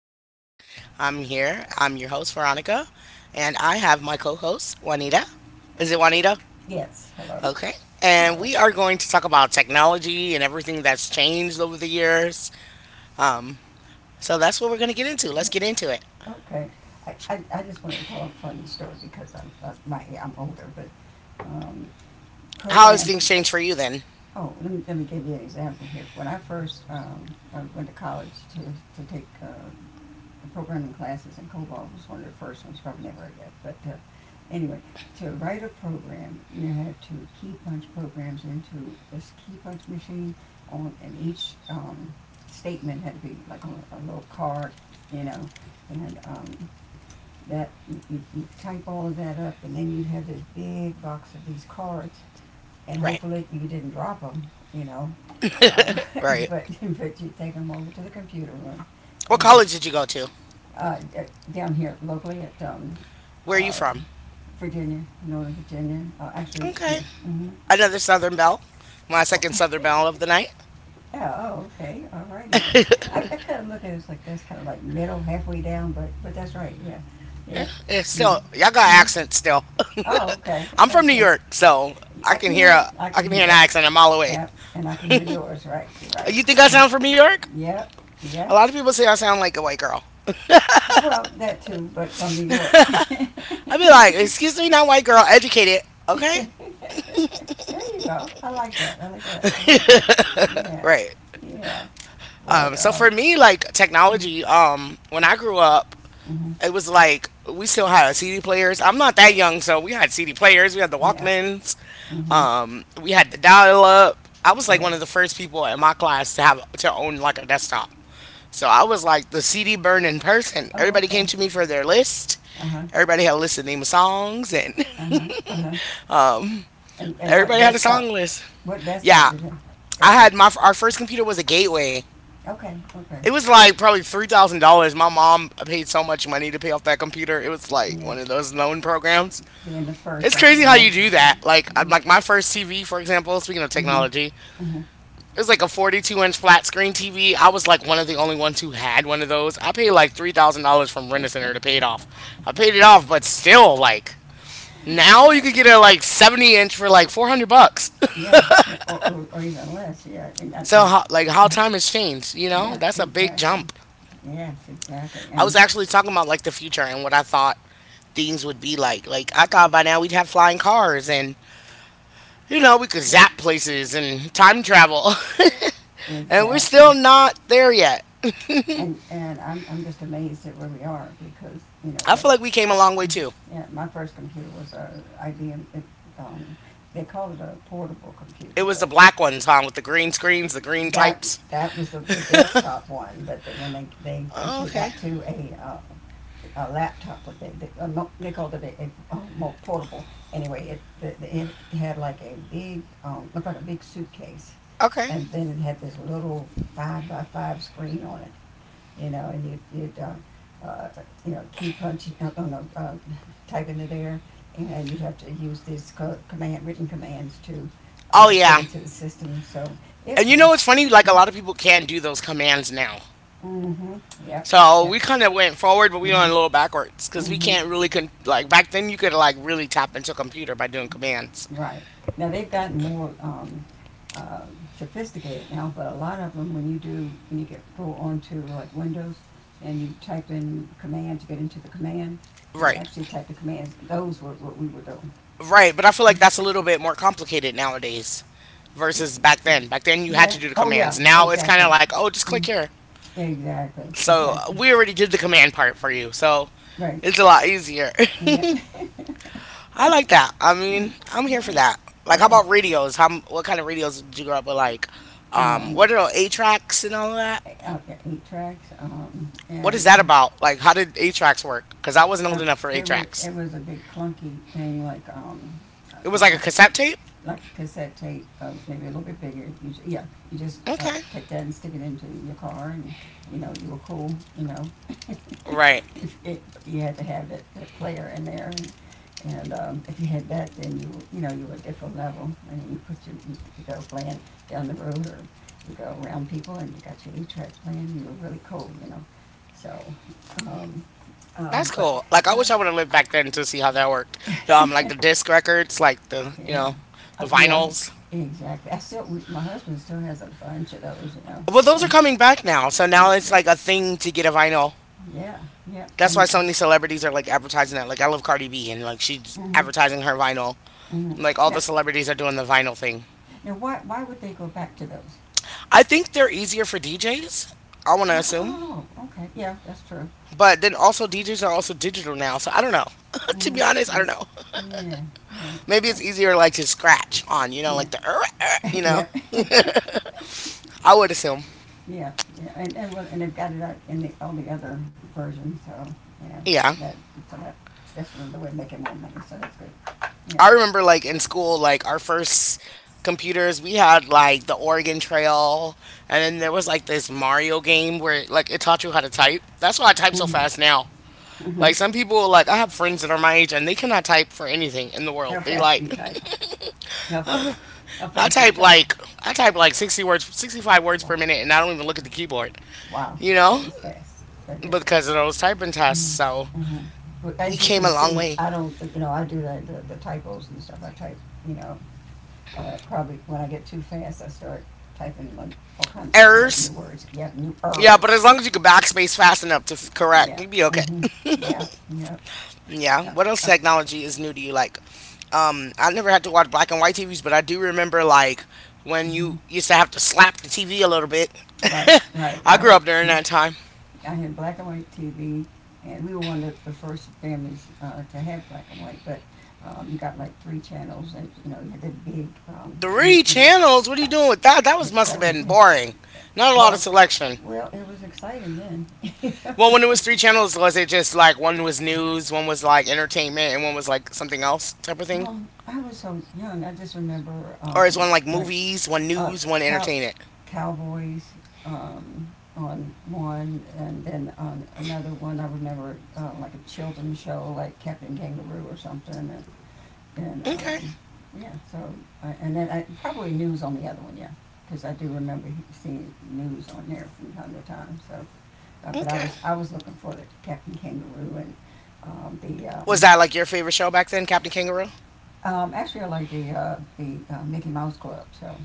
podcast. I'm here. I'm your host, Veronica, and I have my co host, Juanita. Is it Juanita? Yes, hello. Okay. Yeah, And we are going to talk about technology and everything that's changed over the years. Um, so that's what we're going to get into. Let's get yes, into it. okay. I just want to tell a funny story because I'm older, but um, How has programs. things changed for you then? Oh, let me give you an example here. When I went to college to take programming classes, and COBOL was one of the first ones, probably never heard of it. But anyway, to write a program, you had to key punch programs into this key punch machine, and each statement had to be like on a little card, you know, and that you, type all of that up, and then you'd have this big box of these cards, and Right, hopefully you didn't drop them, you know. Uh, right. but you would take them over to the computer room, What And college did you go to? uh, down here locally at Where are you uh, from? Virginia, Northern Virginia. Actually, Okay. yeah. Mm-hmm. Another Southern Belle. My second Southern Belle of the night. Yeah, oh, okay. All righty then. I kind of look at it like that's kind of like middle, halfway down, but that's right. Yeah. Yep. It's You. still y'all got Mhm. accents still. Oh, okay. I'm from New Okay. York, so You know what? I I can can hear hear an that. accent a mile away. Yep. And I can hear yours. Right. You're right. You think I Okay. sound from New York? Yep. A lot Yes. of people say I sound like a white girl. Well, that too, but from New York. I'd be like, excuse me, not white girl, educated, okay? There you go. I like that. I like that. I like that. Yeah. Right. Yeah. Um, But, so for um, me, like technology, when I grew up, mm-hmm, it was like we still had CD players. I'm not that young, so we had CD players. We had the yeah, Walkmans. mm-hmm, We had the dial up. I was like one yes. of the first people in my class to have to own like a desktop. So I was like the CD burning person. Oh, Everybody came okay. to me for their list. Uh-huh, Everybody had a list of name of songs, and uh-huh, uh-huh. And, and what everybody had a song list. Desktop Yeah, did it I start with? had my our first computer was a Gateway. Okay, okay. It was like probably $3,000. My mom paid so much money to pay off that computer. It was like Yeah, one of those loan programs. being the first, It's I can crazy how you imagine, do yeah. that. Like, like my first TV, for example. Speaking of Mm-hmm, technology, mm-hmm. it was like a 42-inch flat screen TV. I was like one of the only ones who had one of those. I paid like $3,000 from Rent a Center to pay it off. I paid it off, but still, like now Yeah, you could get a like 70 inch for like 400 bucks. yeah, yeah. Or even less, yeah. So, how, like, how time has changed. You know, Yeah, that's a big exactly. jump. Yes, exactly. I was actually talking about like the future and what I thought things would be like. Like I thought by now we'd have flying cars and you know we could Well, zap places and time travel. And we're exactly. still not there yet. And I'm just amazed at where we are because, you know, I like. feel like we came a long way too. Mm-hmm. Yeah, my first computer was a IBM. Um, they called it a portable computer, It was the but black ones, huh? With the green screens, the green that types. that was the desktop one. But when they Oh, eventually okay. got to a laptop, what they, a, mo- they called it a more portable. Anyway, it had like a big looked like a big suitcase, Okay. and then it had this little five by five screen on it, and you'd uh, key punch. Oh no, typing it there, and you'd have to use these command, written commands to Oh, get yeah. into the system. It And you know was, what's funny? Like, a lot of people can't do those commands now. mm-hmm, mm-hmm, yep, So yep, we kind of went forward, but we went mm-hmm, a little backwards because we mm-hmm, can't really, like, back then you could, like, really tap into a computer by doing commands. right. Now they've gotten more sophisticated now, but a lot of them, when you get go onto like Windows, and you type in command to get into the command, and Right. actually type the commands, those were what we were doing. Right. But I feel like that's a little bit more complicated nowadays versus back then. Back then you had Yeah. to do the Oh, yeah. commands. Now it's kind of Exactly. like, oh, just click Mm. here. Exactly. So Exactly. we already did the command part for you. So Right. it's a lot easier. Yeah. I like that. I mean, Mm. I'm here Yeah. for that. Like, how Yeah. about radios? How what kind of radios did you grow up with? Like, Um, what are eight tracks and all of that? Out there, eight tracks. What is And that about? Like, how did eight tracks work? Because I wasn't old uh, enough for eight it was tracks. it was a big clunky thing, It uh, was like a um, cassette tape. like a cassette tape, maybe a little bit bigger. Yeah. You just Okay, take that and stick it into your car, and you know you were cool. You know, right. if it, you had to have that player in there, and if you had that, then you know you were a different level, and you put your you go playing down the road or you go around people, and you got your eight track playing. You were really cool. So, um, That's but cool. Like, I uh, wish I would have lived back then to see how that worked. Like the disc records, like the you yeah, know, the yeah, vinyls. exactly. My husband still has a bunch of those, Well, those are and coming back now. So now it's yep, like a thing to get a vinyl. yeah, yeah, That's and. why so many celebrities are like advertising that. Like I love Cardi B and like she's Mm, mhm, advertising her vinyl. mhm. Like all Now, the celebrities are doing the vinyl thing. now, why would they go back to those? I think they're easier for DJs. I want to assume. Oh, okay. Yeah, that's true. But then also DJs are also digital now, so I don't know. To Hmm. be honest, I Yeah, don't know. yeah, yeah. Maybe it's That, easier like to scratch on, you know, yeah, like the you know. yeah, I would assume. yeah, yeah. And well, and they've got it out in the all the other versions. So yeah, Yeah. that so that that's another way of making more money. So that's good. Yeah. I remember like in school, like our first computers, we had like the Oregon Trail, and then there was like this Mario game where like it taught you how to type. That's why I type so hmm fast now. hmm Like some people, like I have friends that are my age and they cannot type for anything in the How world. They fast do like you type? How fast? How I fast do you type type? like I type like 60 words, 65 words per Wow, minute, and I don't even look at the keyboard, wow, you that know, is fast. That is fast. because of those typing tests. So Mm-hmm. We As you came can a long see, way. I don't. You know, I do the typos and stuff. I type. You know, probably when I get too fast, I start typing like all kinds of new Errors, words. Yeah, new yeah, but ers. as long as you can backspace fast enough to correct, Yeah. you'd be okay. Mhm. Yeah. Yep. Yeah. Yep. What else Yep. technology is new to you? Like, I never had to watch black and white TVs, but I do remember like when you Mhm. used to have to slap the TV a little bit. Right. Right. I grew up during that time. I had black and white TV, and we were one of the first families to have black and white. But you got like three channels, and you had that big. You Three you know channels? What are you doing with that? That yeah, was must have that was been it. boring. Not a lot of Well, selection. well, it was exciting then. Well, when it was three channels, was it just like one was news, one was like entertainment, and one was like something else type of thing? I was so young. I just remember Or is one like like movies, one uh, news, one cow, entertainment? Cowboys um, on one, and then on another one, I remember like a children's show, like Captain Kangaroo or something, and, and Okay. um, yeah. So and then probably news on the other one, yeah, because I do remember seeing news on there from time to time. So, but I Okay. was I was looking for the Captain Kangaroo and the Was that like your favorite show back then, Captain Kangaroo? Actually I like the Mickey Mouse Club, so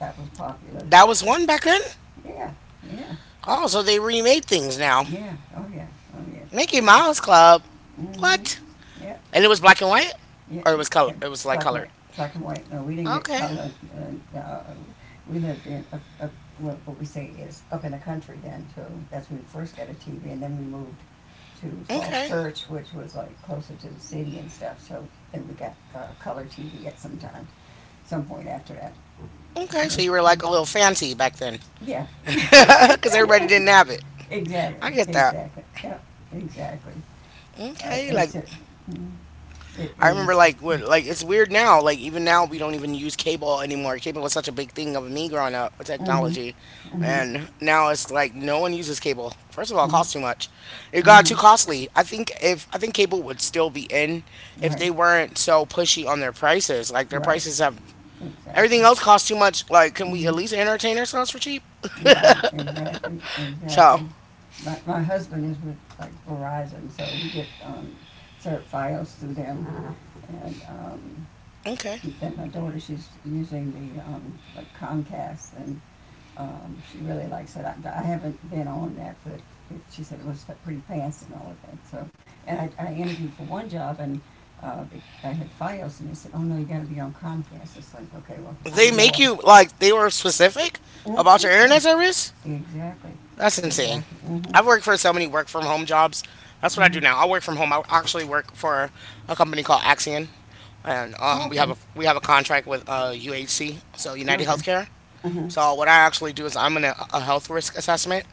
that was popular. That was one back then? Yeah, yeah. Oh, so they remade things now. Yeah. Oh yeah. Oh yeah. Mickey Mouse Club. Mhm. What? Yep. And it was black and white, Yep. or it was color. Yep. It was like Black and colored. white. Black and white. No, we didn't get Okay. color. We lived in what we say is up in the country then. So that's when we first got a TV, and then we moved to Falls Okay. Church, which was like closer to the city and stuff. So then we got color TV at some point after that. Okay. Yeah. So you were Mm. like a little fancy back then, Yeah. because everybody didn't have it. I Exactly. get that. Exactly. Yeah. Exactly. Okay. Like It's a, mm, it, I it remember is. like when like it's weird now. Like even now we don't even use cable anymore. Cable was such a big thing of me growing up with Mhm. technology, Mhm. and now it's like no one uses cable. First of all, it costs Mm-hmm. too much. It got too Mm-hmm. costly. I think if I think cable would still be in if Right. they weren't so pushy on their prices. Like their Right. prices have everything Exactly. else costs too much. Like can we at Mm-hmm. least entertain ourselves for cheap? Right. Exactly. So Exactly. My husband is with like Verizon, so we get cert files through them, and okay, then my daughter she's using the like Comcast, and she really likes it. I haven't been on that, but she said it was pretty fast and all of that. So, and I interviewed for one job and uh, it, I had FiOS and they said, "Oh no, you got to be on Comcast." It's like, okay, well, I they know make of. you like they were specific about Mm-hmm. your Yeah, internet service. exactly, That's insane. exactly. Mm-hmm. I've worked for so many work from home jobs. That's what I do Mm-hmm. now. I work from home. I actually work for a company called Axion, and Oh, okay, we have a contract with UHC, so United okay. Healthcare. Mm-hmm. So what I actually do is I'm in a health risk assessment.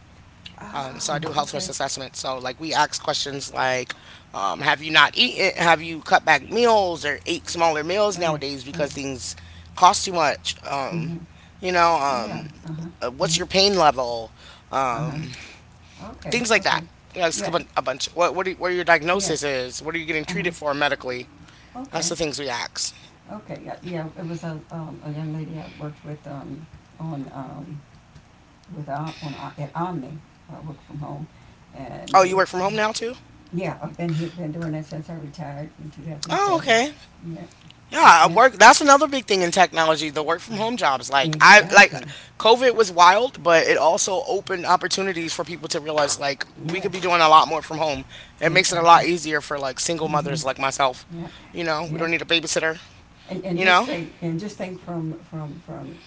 So I Oh, do health risk okay, assessment. So like we ask questions like, have you not eaten? Have you cut back meals or ate smaller meals right, nowadays right. because things cost too much? Mm-hmm. you know, um, Yeah. Uh huh. Uh what's huh. your pain level? Uh Um, huh. Okay. Things like that. Okay. You know, it's a Yeah. A bunch. What your Yeah. diagnosis is? What are you getting Uh huh. treated for medically? That's Okay. the things we ask. Okay, yeah, yeah, it was a young lady I worked with, on, with, Om- on, at Omni, I worked from home. And Oh, they you would, work from home now too? yeah, I've been here, been doing that since I retired in two thousand Oh, seven. okay. Yeah, Yeah, I yeah, work. That's another big thing in technology. The work from home jobs. Like I like, exactly. COVID was wild, but it also opened opportunities for people to realize like we could be Yes, doing a lot more from home. It makes it a exactly. lot easier for like single Mm-hmm, mothers like myself. yeah, You know, we yeah. don't need a babysitter. And You just know, think, and just think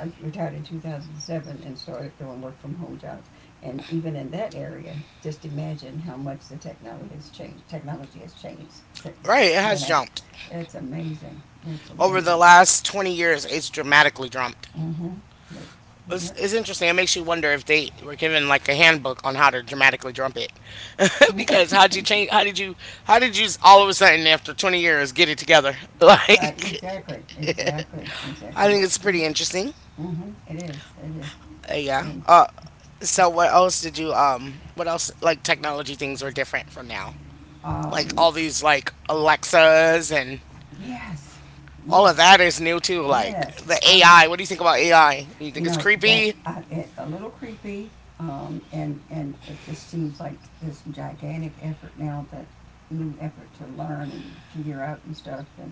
I retired in 2007 and started doing work from home jobs. And even in that area, just imagine how much the technology has changed. Technology has changed since right? It then. has Now. jumped It's amazing. It's over the amazing. last 20 years. It's dramatically jumped. Mm-hmm. It's interesting. It makes you wonder if they were given like a handbook on how to dramatically trump it, Yep. because how'd you change? How did you? How did you all of a sudden after 20 years get it together? Right. Like, Exactly. Exactly. I Exactly. think it's pretty interesting. Mm-hmm. It is. It is. Yeah. And So what else did you? What else? Like technology things are different from now. Like um, all these like Alexas and yes, all of that yes, is new too. Like yes. the Uh huh. AI. What do you think about AI? You You think it's know creepy? A little creepy and it just seems like this gigantic effort now that new effort to learn and figure out and stuff and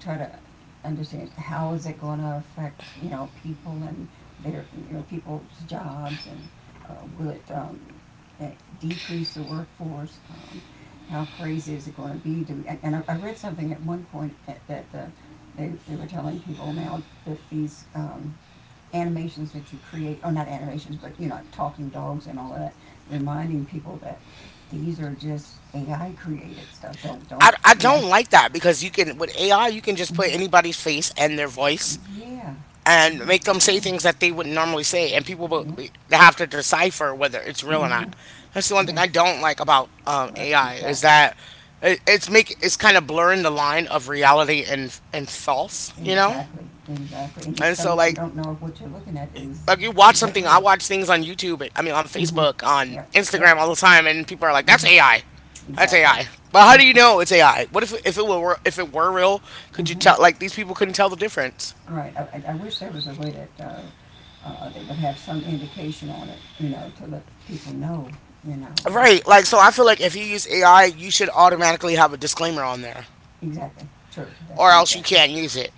try to understand how is it going to affect people and their people's jobs and will it uh, decrease the workforce, how crazy is it going to be, do we, and I read something at one point that they were telling people now that these animations that you create, or not animations, but like talking dogs and all of that, reminding people that these are just AI created stuff. Don't, I you know? don't like that because you can with AI you can just put anybody's face and their voice Mm-hmm. Yeah, and make them say yeah, things that they wouldn't normally say and people will yeah. They have to decipher whether it's real or Mm-hmm. not. That's the one thing I Yes, don't like about right. AI is Exactly, that it's kind of blurring the line of reality and false, you know. exactly, exactly. And And so you don't know if what you're looking at is. like you watch Is that something. I real? watch things on YouTube. I mean, on Mm-hmm. Facebook, on Yep, Instagram, yep. all the time, and people are like, "That's Mm-hmm. AI. That's Exactly. AI." But how do you Mm-hmm. know it's AI? What if it were real? Could you Mm-hmm. tell? Like these people couldn't tell the difference, All right, I wish there was a way that, they would have some indication on it, you know, to let people know, but right? Like so, I feel like if you use AI, you should automatically have a disclaimer on there, exactly, true, that's or else you exactly. can't use it.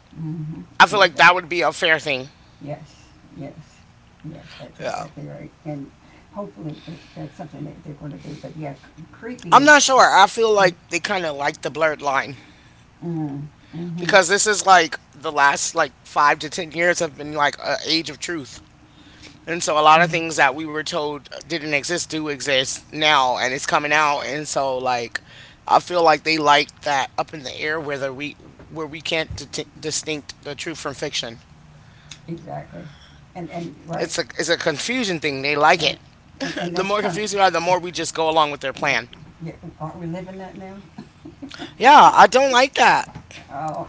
I Mm-hmm, feel like that exactly, would be a fair thing. yes, yes, yes, that's Yeah. exactly right, and hopefully that's something that they're gonna do, but yeah, creepy I'm not sure. is- I feel mm, like they kind of like the blurred line mm-hmm, because this is like the last like 5 to 10 years have been like an age of truth. And so a lot of mm, things that we were told didn't exist do exist now and it's coming out and so like I feel like they like that up in the air where the we where we can't distinct the truth from fiction. exactly, right, It's a confusion thing. They like right, it. and, and The that's more kinda, confused we are, the more we just go along with their right, plan. yeah, aren't we living that now? Yeah, I don't like that. Oh,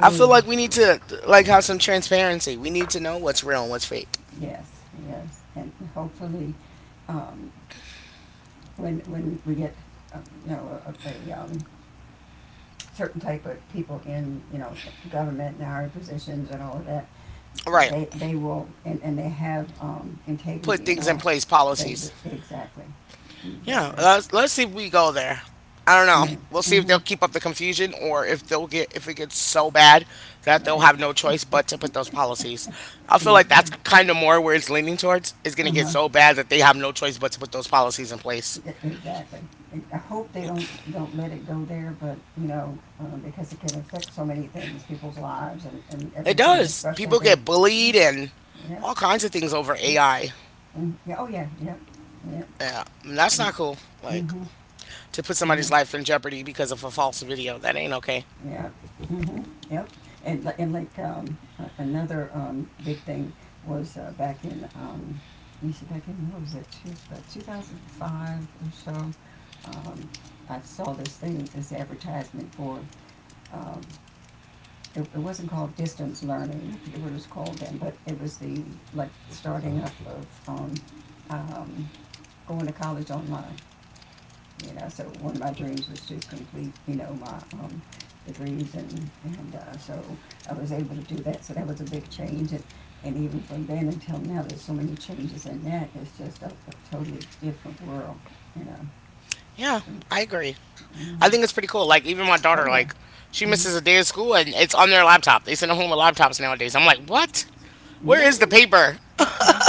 I feel no, like we need to like have some transparency. We need to know what's real and what's fake. yes, yes, and hopefully, um, when we get, uh, you know, certain type of people in, you know, government and our positions and all of that, Right. they will, and they have, Put integrity and things in all, place, they, policies. exactly, Yeah, exactly, let's see if we go there. I don't know. yeah, We'll see if mm-hmm, they'll keep up the confusion or if they'll get if it gets so bad that they'll right, have no choice but to put those policies. I feel like that's exactly, kind of more where it's leaning towards. It's going to get uh-huh, so bad that they have no choice but to put those policies in place. Exactly. Hope they don't, let it go there, but, because it can affect so many things, people's lives and, It everything, and does. especially People their, get bullied and yeah, all kinds of things over yeah, AI. Yeah, oh yeah, yeah, yeah, Yeah, and that's not cool. Like mm-hmm, to put somebody's yeah, life in jeopardy because of a false video. That ain't okay. yeah, mm-hmm, yep. And like another big thing was back in let me see, back in what was it, about 2005 or so. Um, I saw this thing, this advertisement for. Um, it wasn't called distance learning. I forget what it was called then, but it was the like starting up of um, going to college online, you know. So one of my dreams was to complete, my degrees, and so I was able to do that. So that was a big change, and even from then until now, there's so many changes in that. It's just a totally different world, you know. Yeah, I agree. I Mm. think it's pretty cool. Like even my Oh daughter, yeah. like she Mhm. misses a day of school and it's on their laptop. They send them home with laptops nowadays. I'm like, what? Where is the Really? paper? Okay.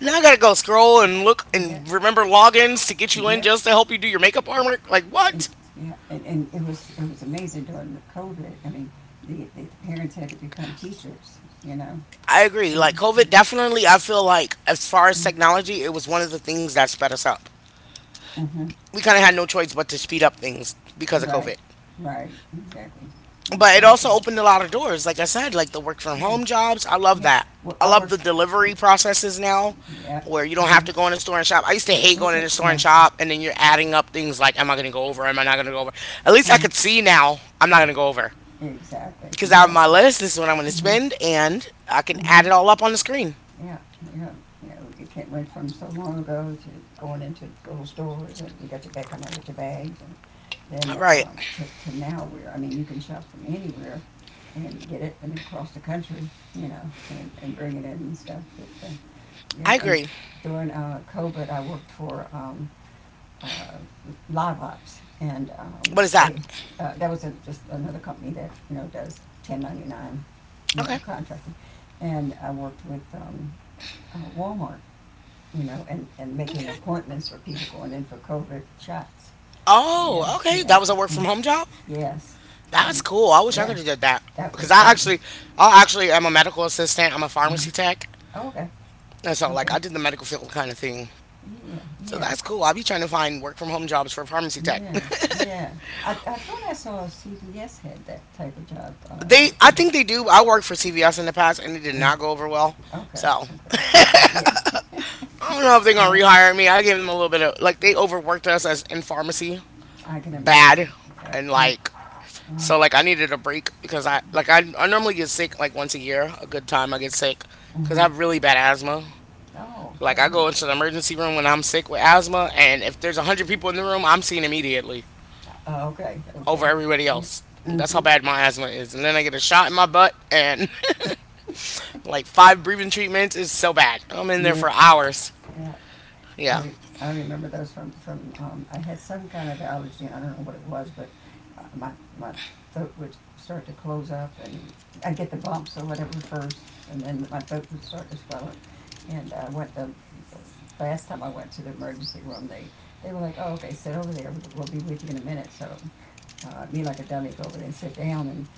Now I gotta go scroll and look Yeah, and remember logins to get you in yeah. just to help you do your makeup artwork. Like It- what? yeah. And it was amazing during the COVID. I mean, the parents had to become teachers, you know, I agree. Like and. COVID, definitely. I feel like as far as technology, it was one of the things that sped us up. Mhm. We kind of had no choice but to speed up things because of Right, COVID. right, exactly, But it exactly. also opened a lot of doors. Like I said, like the work from Yeah, home jobs. I love yeah. that. Well, I I love worked. the delivery processes now Yeah, where you don't have yeah. to go in a store and shop. I used to hate Is going in it? a store and Yeah. shop and then you're adding up things like, am I going to go over? Am I not going to go over? At least I Uh-huh. could see now I'm not going to go over Exactly, because I have my exactly. list. This is what I'm going to Hmm. spend and I can Hmm. add it all up on the screen. Yeah, yeah. You know, it came, went from so long ago to going into little stores and you got your bag, come out with your bags, and All then right. To now, where I mean you can shop from anywhere and get it, and across the country, you know, and, bring it in and stuff. But yeah, I and agree. during COVID, I worked for uh, Live Ops, and What is that? they that was just another company that, you know, does 1099, you know, Okay. contracting, and I worked with Walmart, you know, and Okay. making appointments for people going in for COVID shots. Yeah, Oh, okay. yeah, That was a work mm, from home job? yes, That's and cool. I wish I yeah, could have did that that because was I that was. actually, I actually am a medical assistant. I'm a pharmacy Uh. tech, Okay, and so like okay, I did the medical field kind of thing. yeah, So yeah. that's cool. I'll be trying to find work from home jobs for pharmacy tech. Yeah, yeah. I thought I saw CVS had that type of job, They, work I from home. think they do. I worked for CVS in the past, and it did Uh, not go over well. okay, So okay, okay. Yeah, I don't know if they're gonna yeah. rehire me. I gave them a little bit of like they overworked us as in pharmacy I can bad, imagine. Okay, and yeah. like Mm-hmm. so like I needed a break because I normally get sick like once a year. A good time I get sick because I Mm-hmm. have really bad asthma. Oh, Like sorry to I hear that. go into the emergency room when I'm sick with asthma, and if there's 100 people in the room, I'm seen immediately Okay, over okay. everybody Yeah. else. That's how Mm-hmm. bad my asthma is. And then I get a shot in my butt, and like five breathing treatments is so bad. I'm in there Yeah, for hours. yeah. I Yeah, re- I remember those from I had some kind of allergy. I don't know what it was, but uh, my my throat would start to close up, and I'd get the bumps or whatever first, and then my throat would start to swell up. And I went to, last time I went to the emergency room, they were like, "Oh, okay, sit over there. We'll be with you in a minute." So me like a dummy go over there and sit down, and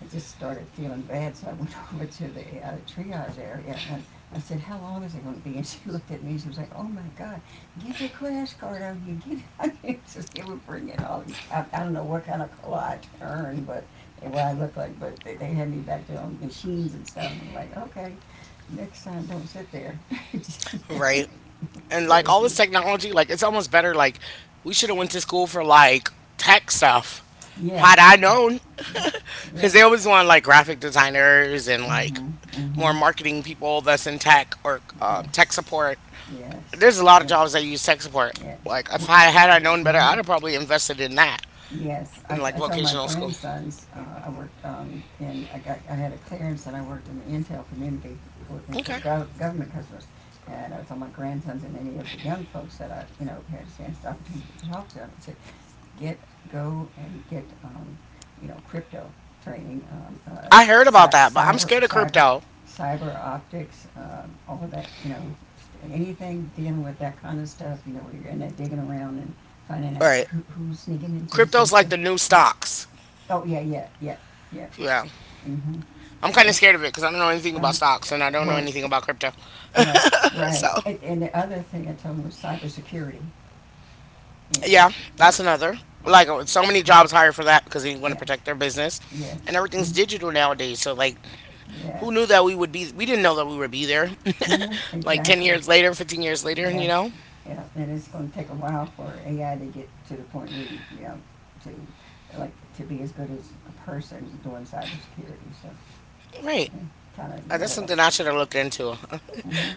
I just started feeling bad, so I went over to the triage area, and I said, "How long is it going to be?" And she looked at me, and she was like, "Oh my God, get the crash cart out here! Get it out here!" So they were bringing all these. I don't know what kind of color I turned, but what I looked like, but they had me back there on machines and stuff. And I'm like, okay, next time don't sit there. right. And So like they all see, this technology, like it's almost better. Like we should have went to school for like tech stuff. yeah, Had I known, yeah, yeah, because they always want like graphic designers and like mhm, more mhm, marketing people that's in tech or tech yes, support. yes, There's a lot of yes, jobs that use tech support. Like if yes, I had I known better, mhm. I'd have probably invested in that Yes, in like I told my vocational school. grandsons, I worked in I had a clearance and I worked in the Intel community for Okay. Government customers, and I told my grandsons and many of the young folks that I, you know, had a chance, the opportunity to talk to them. I get Go and get you know, crypto training, I heard about cy- that, but I'm cyber scared of cyber crypto. cyber optics, all of that. You know, anything dealing with that kind of stuff. You know, where you're in there digging around and finding All out right. who, who's sneaking into the Crypto's like system. the new Yeah. stocks. Oh yeah, yeah, yeah, yeah. Yeah. Mm-hmm. I'm kind of Yeah. scared of it because I don't know anything Uh, about stocks and I don't know well, anything about crypto. right, right. So, And, the other thing I told him was cybersecurity. yeah, Yes. Yep. that's another. Yep. Like, so many jobs hired for that because they want to Yes. protect their business. And Yes. everything's Mm. digital nowadays. So, like, who knew Yes. that we would be, we didn't know that we would be there Hmm, like 10 exactly. years later, 15 years later, you Yes. know? Yeah. And it's going to take a while for AI to get to the point where you know, to like to be as good as a person doing cybersecurity. So, Right. yeah, kind of Like that's little. something I should have looked into. Hmm.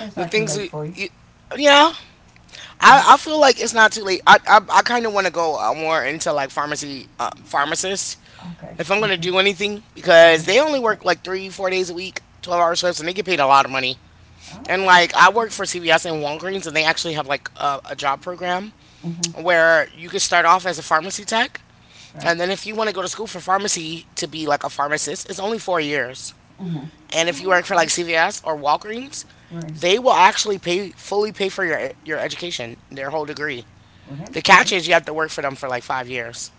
It's The not too things late we, for you. you, yeah. I Mhm. feel like it's not too late. I kind of want to go more into like pharmacy pharmacists Okay. if I'm gonna Okay. do anything because Okay. they only Yeah. work like 3 4 days a week, 12 hour shifts, and they get paid a lot of money. Oh, And okay. like I work Okay. for CVS and Walgreens, and they actually have like a job program Mhm. where you can start off as a pharmacy tech, Right. and then if you want to go to school for pharmacy to be like a pharmacist, it's only 4 years. Mhm. And if you Oh, work for okay. like CVS or Walgreens, Right. they will actually pay fully pay for your education, their whole degree. Well, that's The catch great. is you have to work for them for like 5 years.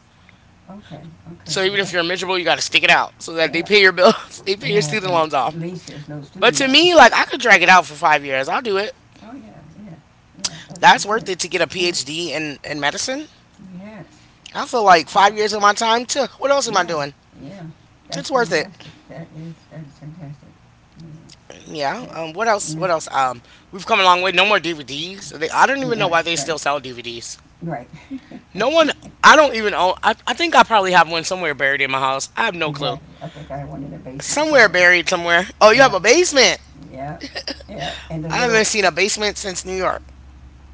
Okay. Okay. So Well, even if that, you're miserable, you got to stick it out so that they yeah. pay your bills, they pay your Yeah. student But at loans off. least there's no But student to me, loans. like I could drag it out for 5 years. I'll do it. Oh yeah, yeah, yeah. That'd be That's worth good. it to get a PhD in medicine. Yes. I feel like Wow. 5 years of my time. To what else am I Yeah, doing? yeah. That's It's worth it. fantastic. That is fantastic. Yeah. Yeah. What Yeah. else? Mm. What else? We've come a long way. No more DVDs. They, I don't Right, even know right, why they right. still sell DVDs. Right. No one, I don't even own, I think I probably have one somewhere buried in my house. I have no clue. Exactly. I think I have one in the basement Somewhere somewhere. buried somewhere. Oh, you have Yeah, a basement. yeah, yeah. And the I haven't little. seen a basement since New York.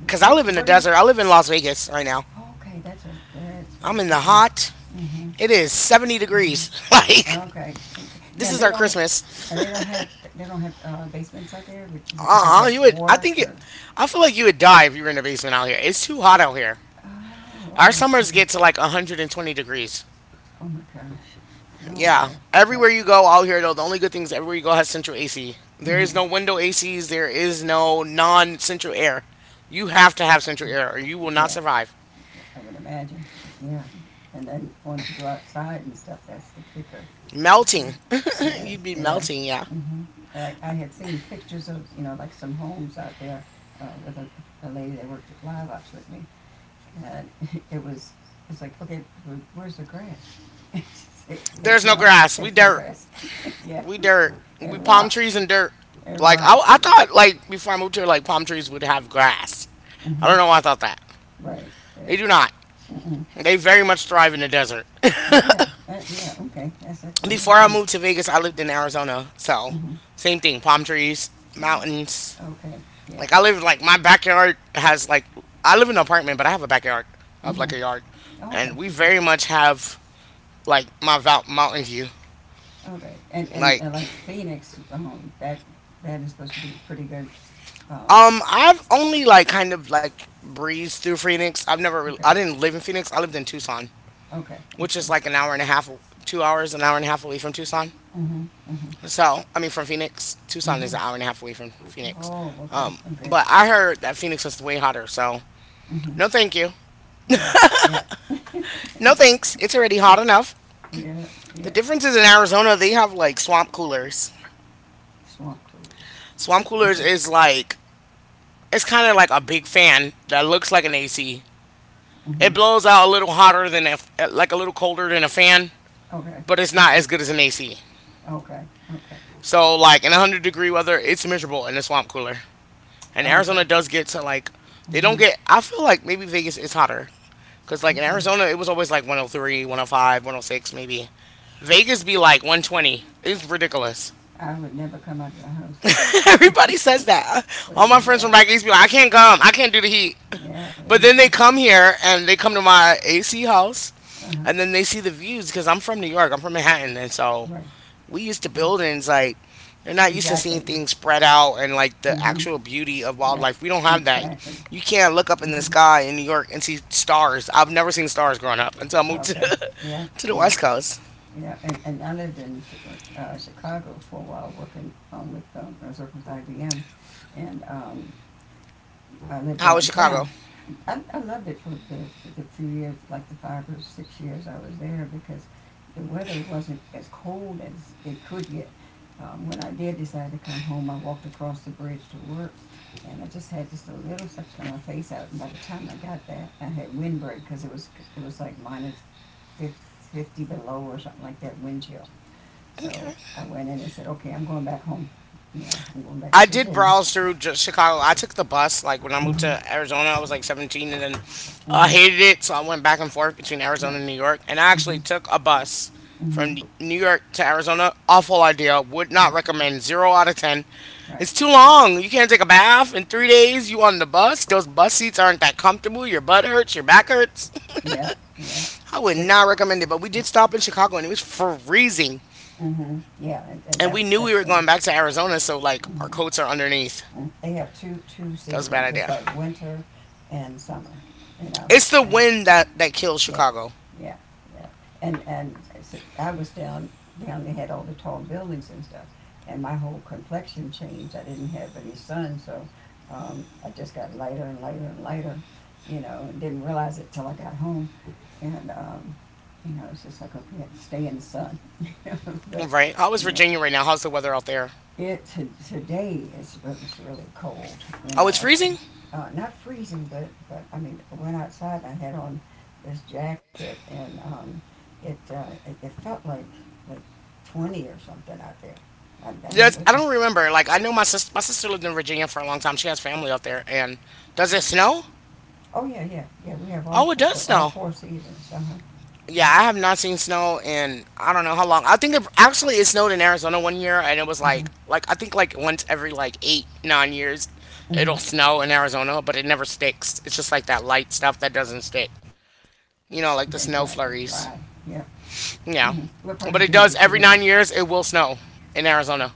Because No, I live in the what do you? desert. I live in Las Vegas right now. Oh, okay, that's right. That's I'm right. in the Okay. hot. Mhm. It is 70 Mhm. degrees. Like, Okay. Okay. this Now is they our don't. Now Christmas. they don't have. They don't have basements out there. Is it because of You would, water or? I feel like you would die if you were in the basement out here. It's too hot out here. Oh, Our okay, summers okay. get to like 120 degrees. Oh my gosh. Oh my Yeah, gosh. Yeah. everywhere you go out here though, the only good thing is everywhere you go has central AC. There is Mm-hmm. no window ACs. There is no non-central air. You have to have central air, or you will not Yes. survive. Yeah, I would imagine. Yeah. And then once you go outside and stuff, that's the kicker. Yeah. Melting, Yes. you'd be Yes. melting. Yeah. Hmm. I had seen pictures of, you know, like some homes out there with a lady that worked at Live Ops with me, and it was, it's like okay, where's the grass? She said, " There's no no, grass. We there's no dirt. grass. Yeah, We dirt. it We palm trees rocks. and dirt. It Like I, rocks. I Yeah. thought, like before I moved here, like palm trees would have grass. I don't Hmm. know why I thought that. Right, right. They do not. Mm-mm. They very much thrive in the desert. Yeah, that, yeah, okay. That's Before I amazing. moved to Vegas, I lived in Arizona, Mm-hmm. so Yeah. Mm-hmm. same thing. Palm trees, mountains. Okay, yeah. Like I live like my backyard has like I live in an apartment, but I have a backyard. I have like Mm-hmm. a yard, Okay, and we very okay. much have like my mountain view. All right. And, Like like Phoenix, that is supposed to be pretty good. Um, I've only like kind of like breezed through Phoenix. I've never really, okay, I didn't live in Phoenix. I lived in Tucson, okay, which okay. is like an hour and a half, 2 hours, an hour and a half away from Tucson. Mm-hmm. Mm-hmm. So I mean from Phoenix, Tucson Mm-hmm. is an hour and a half away from Phoenix. Oh, okay, Um, okay. but I heard that Phoenix is way hotter. So Mm-hmm. no, thank you. Yeah, yeah, No thanks. It's already yeah, hot enough. yeah, The yeah. difference is in Arizona, they have like swamp coolers. Swamp Swamp cruise. We'll coolers take is like, it's kind of like a big fan that looks like an AC. mm-hmm. It blows out a little hotter than, a like a little colder than a fan, Okay, but it's not okay, as good as an AC. okay, okay, So, like in 100-degree weather, it's miserable in a swamp cooler. And okay, Arizona does get to like, they don't mm-hmm, get, I feel like maybe Vegas is hotter. Because like in okay. Arizona, it was always like 103, 105, 106 maybe. Vegas be like 120. It's ridiculous. I would never come out of the house. Everybody says that. All Would my friends from never. back east be like, I can't come. I can't do the heat. Yeah, But it's, then they it's come here and they come to my AC house uh-huh, and then they see the views because I'm from New York. I'm from Manhattan. And so right. we used to Yeah. buildings like they're not used to seeing Exactly. things spread out and like the Hmm. actual beauty of Yeah, wildlife. We don't have that. exactly. You can't look up in the Hmm. sky in New York and see stars. I've never seen stars growing up until I moved Okay. Yeah, to the yeah, West Coast. yeah. And, I lived in Chicago for a while working with I was working with IBM, and I lived How was Chicago? downtown. I loved it for the few years, like the 5 or 6 years I was there, because the weather wasn't as cold as it could get. When I did decide to come home, I walked across the bridge to work, and I just had just a little section of my face out. And by the time I got that, I had windbreak because it was like minus 50, below or something like that, wind chill. So Okay. I went in and said, "Okay, I'm going back home. Yeah, I'm going back I to did Virginia." browse through just Chicago. I took the bus. Like when I moved to Mm-hmm. Arizona, I was like 17, and then I Mm-hmm. hated it, so I went back and forth between Yeah. Arizona and New York. And I Mm-hmm. actually took a bus from Mm-hmm. New York to Arizona. Awful idea. Would not Right. recommend. Zero out of ten. Right. It's too Right. long. You can't take a bath in 3 days. You on the bus? Those bus seats aren't that comfortable. Your butt hurts. Your back hurts. Yeah, yeah. I would Chick. not recommend it. But we did stop in Chicago, and it was freezing. Hmm. Yeah, and, and And we that's knew we that's were soon. going back to Arizona, so like our Hmm. coats are underneath. They have two That was a bad seasons. It's idea. like winter and summer. You know, It's the and wind that kills yeah, Chicago, yeah, yeah. And so I was down. They had all the tall buildings and stuff, and my whole complexion changed. I didn't have any sun, so I just got lighter and lighter and lighter. You know, and didn't realize it till I got home, and you know, it's just like okay, I have to stay in the sun. You know, but right? How is yeah, Virginia right now? How's the weather out there? Today, is it was really cold. You Oh, know, it's of freezing. Not freezing, but I mean, I went outside and I had on this jacket, and it felt like like 20 or something out there. I don't Yes, know I what the. don't remember. Like I know my sister lived in Virginia for a long time. She has family out there. And does it snow? Oh yeah, yeah, yeah. We have Oh, all it four, does all snow. four seasons. Uh huh. Yeah, Yeah. I have not seen snow in I don't know how long. I think it actually it snowed in Arizona one year, and it was Mhm. like I think like once every like 8 9 years, it'll Mhm. snow in Arizona, but it never sticks. It's just like that light stuff that doesn't stick. Exactly. You know, Dry. like the snow Yeah. flurries. Mhm. What part of Yeah. Virginia does she But it live in? does every 9 years, it will snow in Arizona.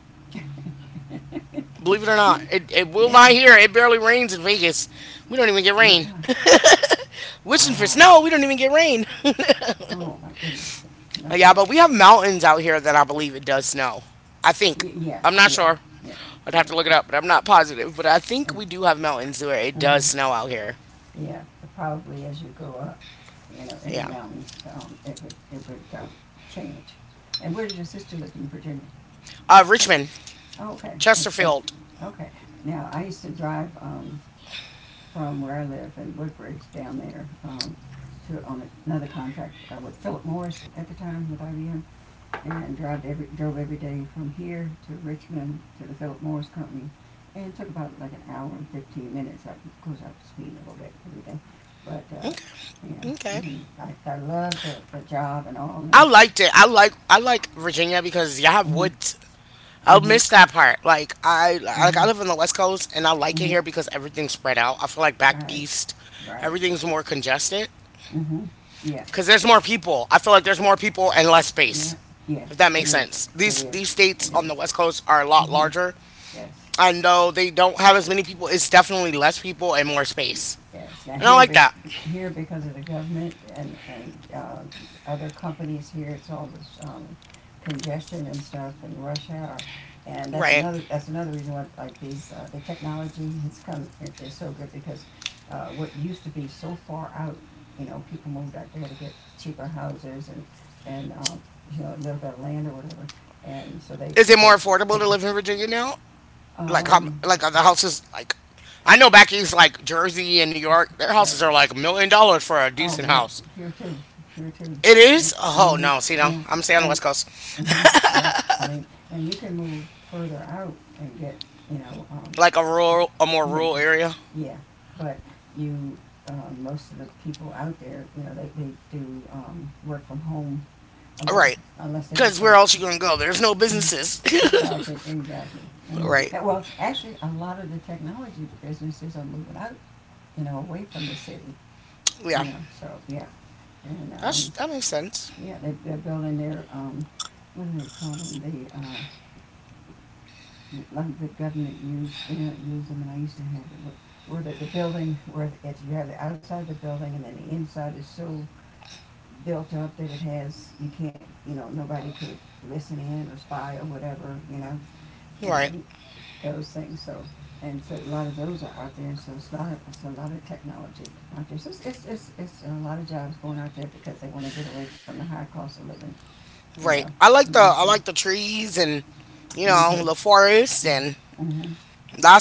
Believe it or not, it will Yeah. not here. It barely rains in Vegas. We don't even get rain. Oh. Wishing for Wow. snow, we don't even get rain. Oh my goodness. Nope. Like, yeah, Nope. but we have mountains out here that I believe it does snow. I think. Yeah, I'm not yeah, sure. yeah, I'd have to look it yeah. up, but I'm not positive. But I think And, we do have mountains where it and, does hmm snow out here. yeah, probably as you go up, you know, in Yeah. the mountains, it would, it would change. And where did your sister live in Virginia? Richmond, Oh, okay, that's, Chesterfield. okay. Now, I used to drive, from where I live in Woodbridge down there, to, on another contract, with Philip Morris at the time with IBM, and drove every day from here to Richmond to the Philip Morris Company. And it took about like an hour and 15 minutes. I, of course, I was speeding a little bit and everything. But, uh, Okay. yeah, Okay. and I loved the job and all. I And, liked it. I like Virginia because you have mm-hmm, woods. I'll mm-hmm, miss that part. Like mm-hmm, I live on the West Coast and I like it mm-hmm, here because everything's spread out. I feel like back right, east, right, everything's more congested mm-hmm, yeah, because there's more people. I feel like there's more people and less yeah, space. If yes, that makes sense. it These is, these states it on is, the West Coast are a lot mm-hmm, larger, yes. and though they don't have as many people, it's definitely less people and more space. Yes, And I like that. here because of the government and, and other companies here, it's all this, congestion and stuff and rush hour. And that's Right. another, that's another reason why, like the technology has come, is so good because, what used to be so far out, you know, people moved out there to get cheaper houses and you know, a little bit of land or whatever. And so they, Is it but more affordable they, to live in Virginia now? Like how um, like the houses like I know back east like Jersey and New York, their right. houses are like $1 million for a Oh decent yeah, house. here too, here too. It Yeah. is? Mm Oh hmm. no, see no, Now, I'm staying on now. the west coast, Mm hmm. Yeah. I mean, now you can move further out and get, you know, like a rural, a more yeah, rural area. yeah. But you, Most of the people out there, you know, they do work from home. Uh, well, Right. Unless they work Cause for the. where else you Mm. gonna go? There's no Mhm. businesses. Exactly, exactly. Mm Right. hmm. Well, actually, a lot of the technology businesses are moving out, you know, away from the city, Yeah. you know. So yeah, and That's, that makes sense. yeah, they're building their, what do they call them, like the government use, they don't use them, and I used to have it, where the building, where it's, you have the outside of the building, and then the inside is so built up that it has, you can't, you know, nobody could listen in or spy or whatever, you know, Right. and those things, so, and so a lot of those are out there, so it's a lot of technology out there, so it's a lot of jobs going out there because they wanna get away from the high cost of living, you know, Right. And you I said. like the trees and you Me too. know the forest and Mm-hmm. Mm-hmm.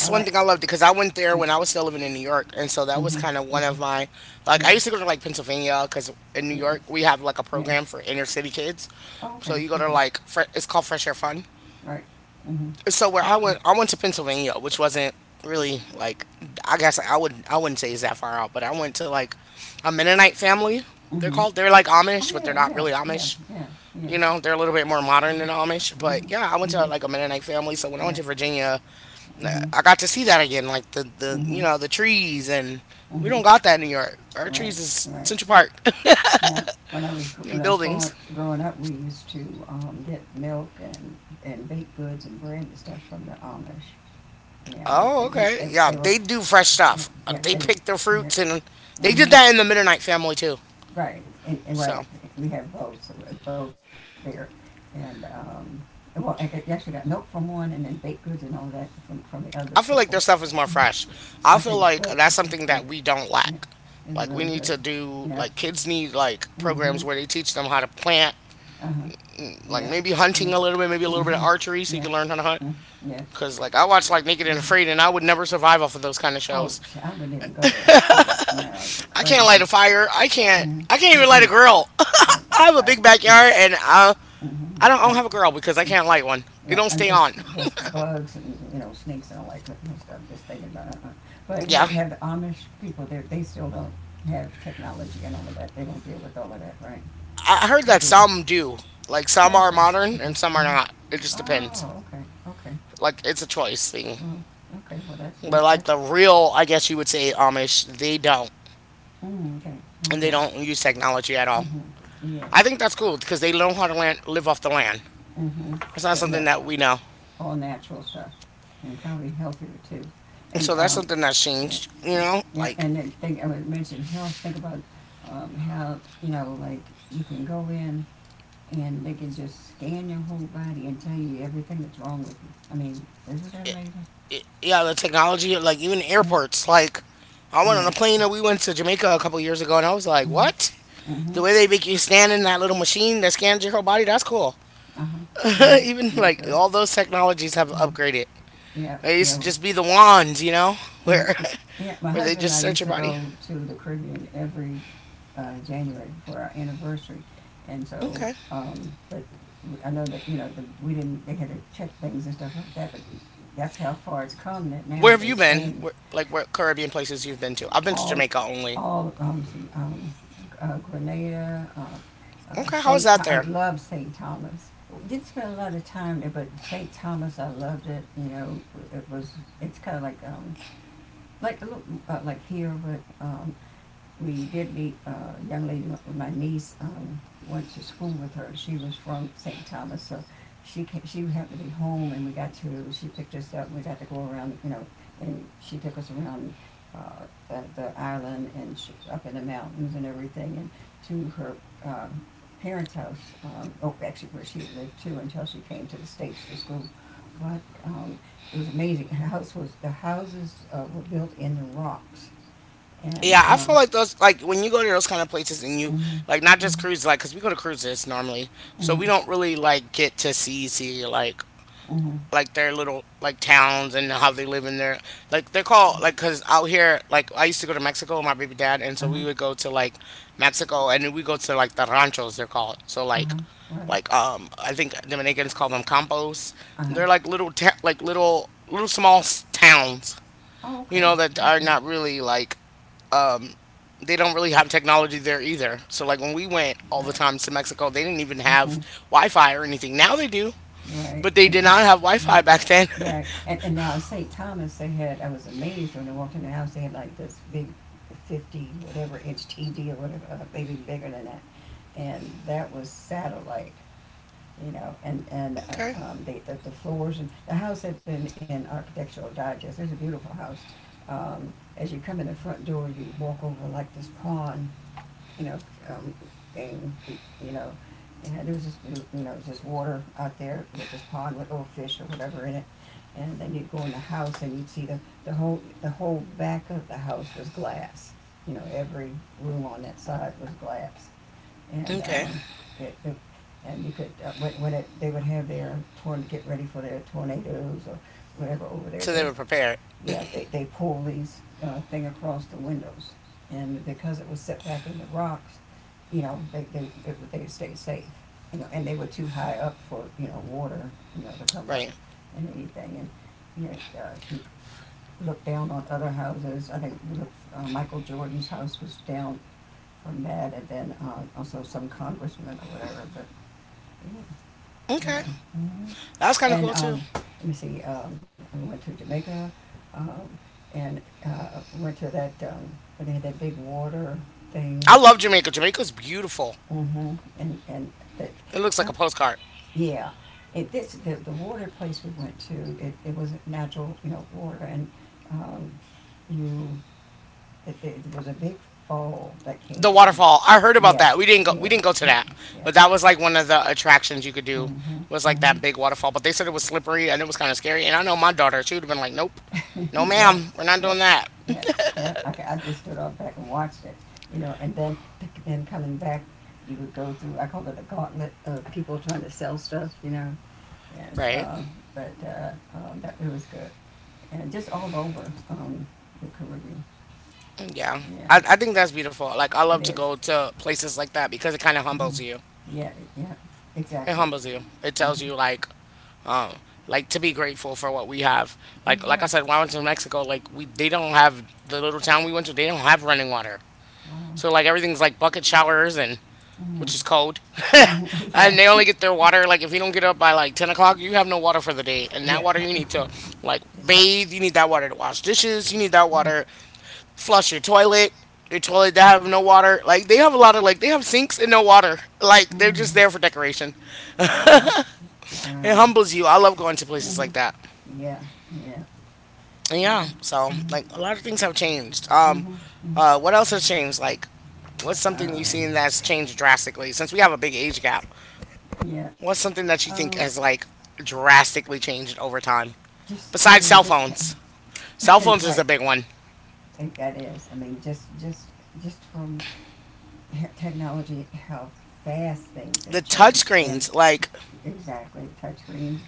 I one like thing I loved because I went there it. when I was still living in New York, and so that was Mm-hmm. kind of one of Mm-hmm. my like I Yes, used to go to like Pennsylvania because in New yes, York we have like a yes. program for inner city kids, Oh, so okay, you go to okay, like fre- it's called Fresh Air Fun. right. Mm-hmm. So where Okay. I went to Pennsylvania, which wasn't really like I guess I would I wouldn't say it's that far out, but I went to like a Mennonite family. They're Mm-hmm. called they're like Oh, Amish, but they're yeah, not yeah, really yeah, Amish. yeah, yeah. You know, they're a little bit more modern than Amish, Mm-hmm. but yeah, I went Mm-hmm. to Mm-hmm. like a Mennonite family. So when I went Yeah. to Virginia, Mm-hmm. I got to see that again, like the you Mm-hmm. know the trees, and we don't Mm-hmm. got that in New York. Our trees Right, is right. Central Park Yeah. When and I was growing buildings. growing up, we used to get milk and baked goods and bread and stuff from the Amish. Yeah, Oh, okay, yeah, they were, they do fresh yeah stuff. yeah They they were, pick their yeah. fruits, and they did Mm-hmm. that in the Midnight Family too. Right, So we have both, so we're both there, and well, actually got milk from one, and then baked goods and all that from the other I feel people. like their stuff is more fresh. Mm-hmm. I I feel think it's like good. that's It's something good. that we don't Yeah, lack. it's Like we really need good. to do Yeah. like kids need like Mhm. programs where they teach them how to plant, Uh huh. like Yeah. maybe Yeah. hunting a little bit, maybe a little bit of Mhm. archery, so you Yeah. can learn how to hunt. Mm. Yeah. Cause like I watch like Naked and Mhm. Afraid, and I would never survive off of those kind of shows. I wouldn't even go there. Shoot, no, I'd be I can't light crazy. a fire. I can't. Mhm. I can't even light a Mm-mm. grill. I, I have I, a I, big no. backyard, and I Mhm. I don't, I don't have a grill because I can't light one. It right, don't I'm stay on. just the bugs and, you know, snakes and all that kind of stuff, just thinking about it. Uh-huh. But Yeah, have the Amish people, there, they still don't have technology and all of that, they don't deal with all of that, right? I heard Or that do they? some do. Like some Oh, are okay, modern okay, and some are uh-huh. not. It just depends. Oh, okay, okay. Like it's a choice thing. Well, okay, well, that's, it. But like That's, the real, I guess you would say Amish, they don't, mm, okay, and they okay, don't use technology at all. mm-hmm, yeah, I think that's cool because they know how to land, live off the land. mm-hmm. That's not Yeah, something yeah, that we know. all natural stuff, and probably healthier too. And, So that's um, something that's Yeah, changed, you know? yeah, Like, and then think I mentioned health. Think about how you know, like you can go in and they can just scan your whole body and tell you everything that's wrong with you. I mean, isn't that amazing? Yeah, the technology, like, even Yeah. airports. Like, I Oh went on yeah. a plane that we went to Jamaica a couple years ago, and I was like, Mhm. what? The Mhm. way they make you stand in that little machine that scans your whole body, that's cool. Uh huh. Uh huh. Even, Make like, sure. all those technologies have Uh-huh. upgraded. Yeah. They used to Yeah. just be the wands, you know? Where, Mhm. Yeah. My where they husband and just I search used your to body. go to the Caribbean every January for our anniversary. And so, Okay. But I know that, you know, we didn't, they had to check things and stuff like that, but that's how far it's come that Where now have they you been? scan Where, like, what Caribbean places you've been to? I've been to all, Jamaica only. all, um, um, Grenada, Okay, how's St. that Tho- I there? love St. Thomas. Didn't spend a lot of time there, but St. Thomas, I loved it. You know, it was, it's kind of like a little, like here, we did meet a young lady, my niece went to school with her. She was from St. Thomas, so she came, she had to be home, and she picked us up, and we got to go around, you know, and she took us around the island up in the mountains and everything, and to her um, parents' house, oh, actually where she had lived too until she came to the States to school. But it was amazing. The houses were built in the rocks, and Yeah, I feel like those like when you go to those kind of places and you mm-hmm. like not just Mm-hmm. cruises like because we go to cruises normally, so we Mm-hmm. don't really like get to see Mm-hmm. like their little like towns and how they live in their like they're called like because out here like I used to go to Mexico with my baby dad and so we Uh-huh. would go to like Mexico and then we go to like the ranchos they're called so Uh-huh. Right. like um, I think Dominicans call them campos, Uh-huh. they're like little ta- like little little small s- towns, Oh, you okay. know, that are Okay. not really like um, they don't really have technology there either. So like when we went all the Right. time to Mexico, they didn't even have Mm-hmm. Wi-Fi or anything. Now they do, Right. but they did not have Mm-hmm. Wi-Fi Right. back then. Right. And now at St. Thomas they had, I was amazed when I walked in the house, they had like this big 50 whatever inch TV or whatever, maybe bigger than that. And that was satellite. You know, and Okay. The, the floors and the house had been in Architectural Digest. It's a beautiful house. Um, as you come in the front door, you walk over like this pond, you know, um, thing, you know, and there was this you know was this water out there with this pond with old fish or whatever in it. And then you'd go in the house and you'd see the whole, the whole back of the house was glass. You know, every room on that side was glass and Okay. It, it and you could they would have their torn to get ready for their tornadoes or whatever over there. So they There's, were prepared. yeah, they pull these thing across the windows, and because it was set back in the rocks, you know they stayed safe, you know, and they were too high up for you know water you know to come up Right. and anything and you look down on other houses. I think we looked, Michael Jordan's house was down from that, and then also some congressman or whatever. But you Okay. know. Mhm. That's kind of and cool too. Let me see. We went to Jamaica, um, and went to that where they had that big water thing. I love Jamaica. Jamaica's beautiful. Mhm. And that, It looks uh, like a postcard. yeah. This the water place we went to. It was natural, you know, water, um, you. It, there was a big fall that came The down. waterfall. I heard about Yeah, that. We yeah, didn't go to yeah, that. yeah. But that was like one of the attractions you could do Hmm was like hmm. that big waterfall, but they said it was slippery and it was kind of scary. And I know my daughter, she would have been like, "Nope. No Yeah, ma'am, we're not yeah, doing that." yeah, yeah. Okay, I just stood up back and watched it, you know, and then coming back, you would go through. I call it a gauntlet of people trying to sell stuff, you know, and Right. But that it was good, and just all over the Caribbean. Yeah. Yeah, I think that's beautiful. Like, I it love to is. go to places like that because it kind of Mhm. humbles you. Yeah, It exactly. humbles you. It Uh-huh. tells you, um, like to be grateful for what we have. Like I Exactly. said, when I went to Mexico, like we they don't have the little town we went to. They don't have running water. Wow. So like everything's like bucket showers and Mm. which is cold. Mhm. Yeah, And they only get their water like if you don't get up by like 10 o'clock, you have no water for the day. And that yeah. water you need to like It's just, bathe. You need that water to wash dishes. You need that right. water flush your toilet. Your toilet that have no water. Like they have a lot of like they have sinks and no water. Like they're just Mm. there for decoration. Wow. It Wow. humbles you. I love going to places Mhm. like that. Yeah. Yeah. And yeah, so Mhm. like a lot of things have changed. Mhm. Mhm. What else has changed? Like what's something you've Um, seen that's changed drastically since we have a big age gap? yeah. What's something that you Um, think has like drastically changed over time just. I besides mean, cell just. phones? Cell phones Right. is a big one. That is. Just from technology, how fast things The have changed, and touchscreens, like exactly touchscreens,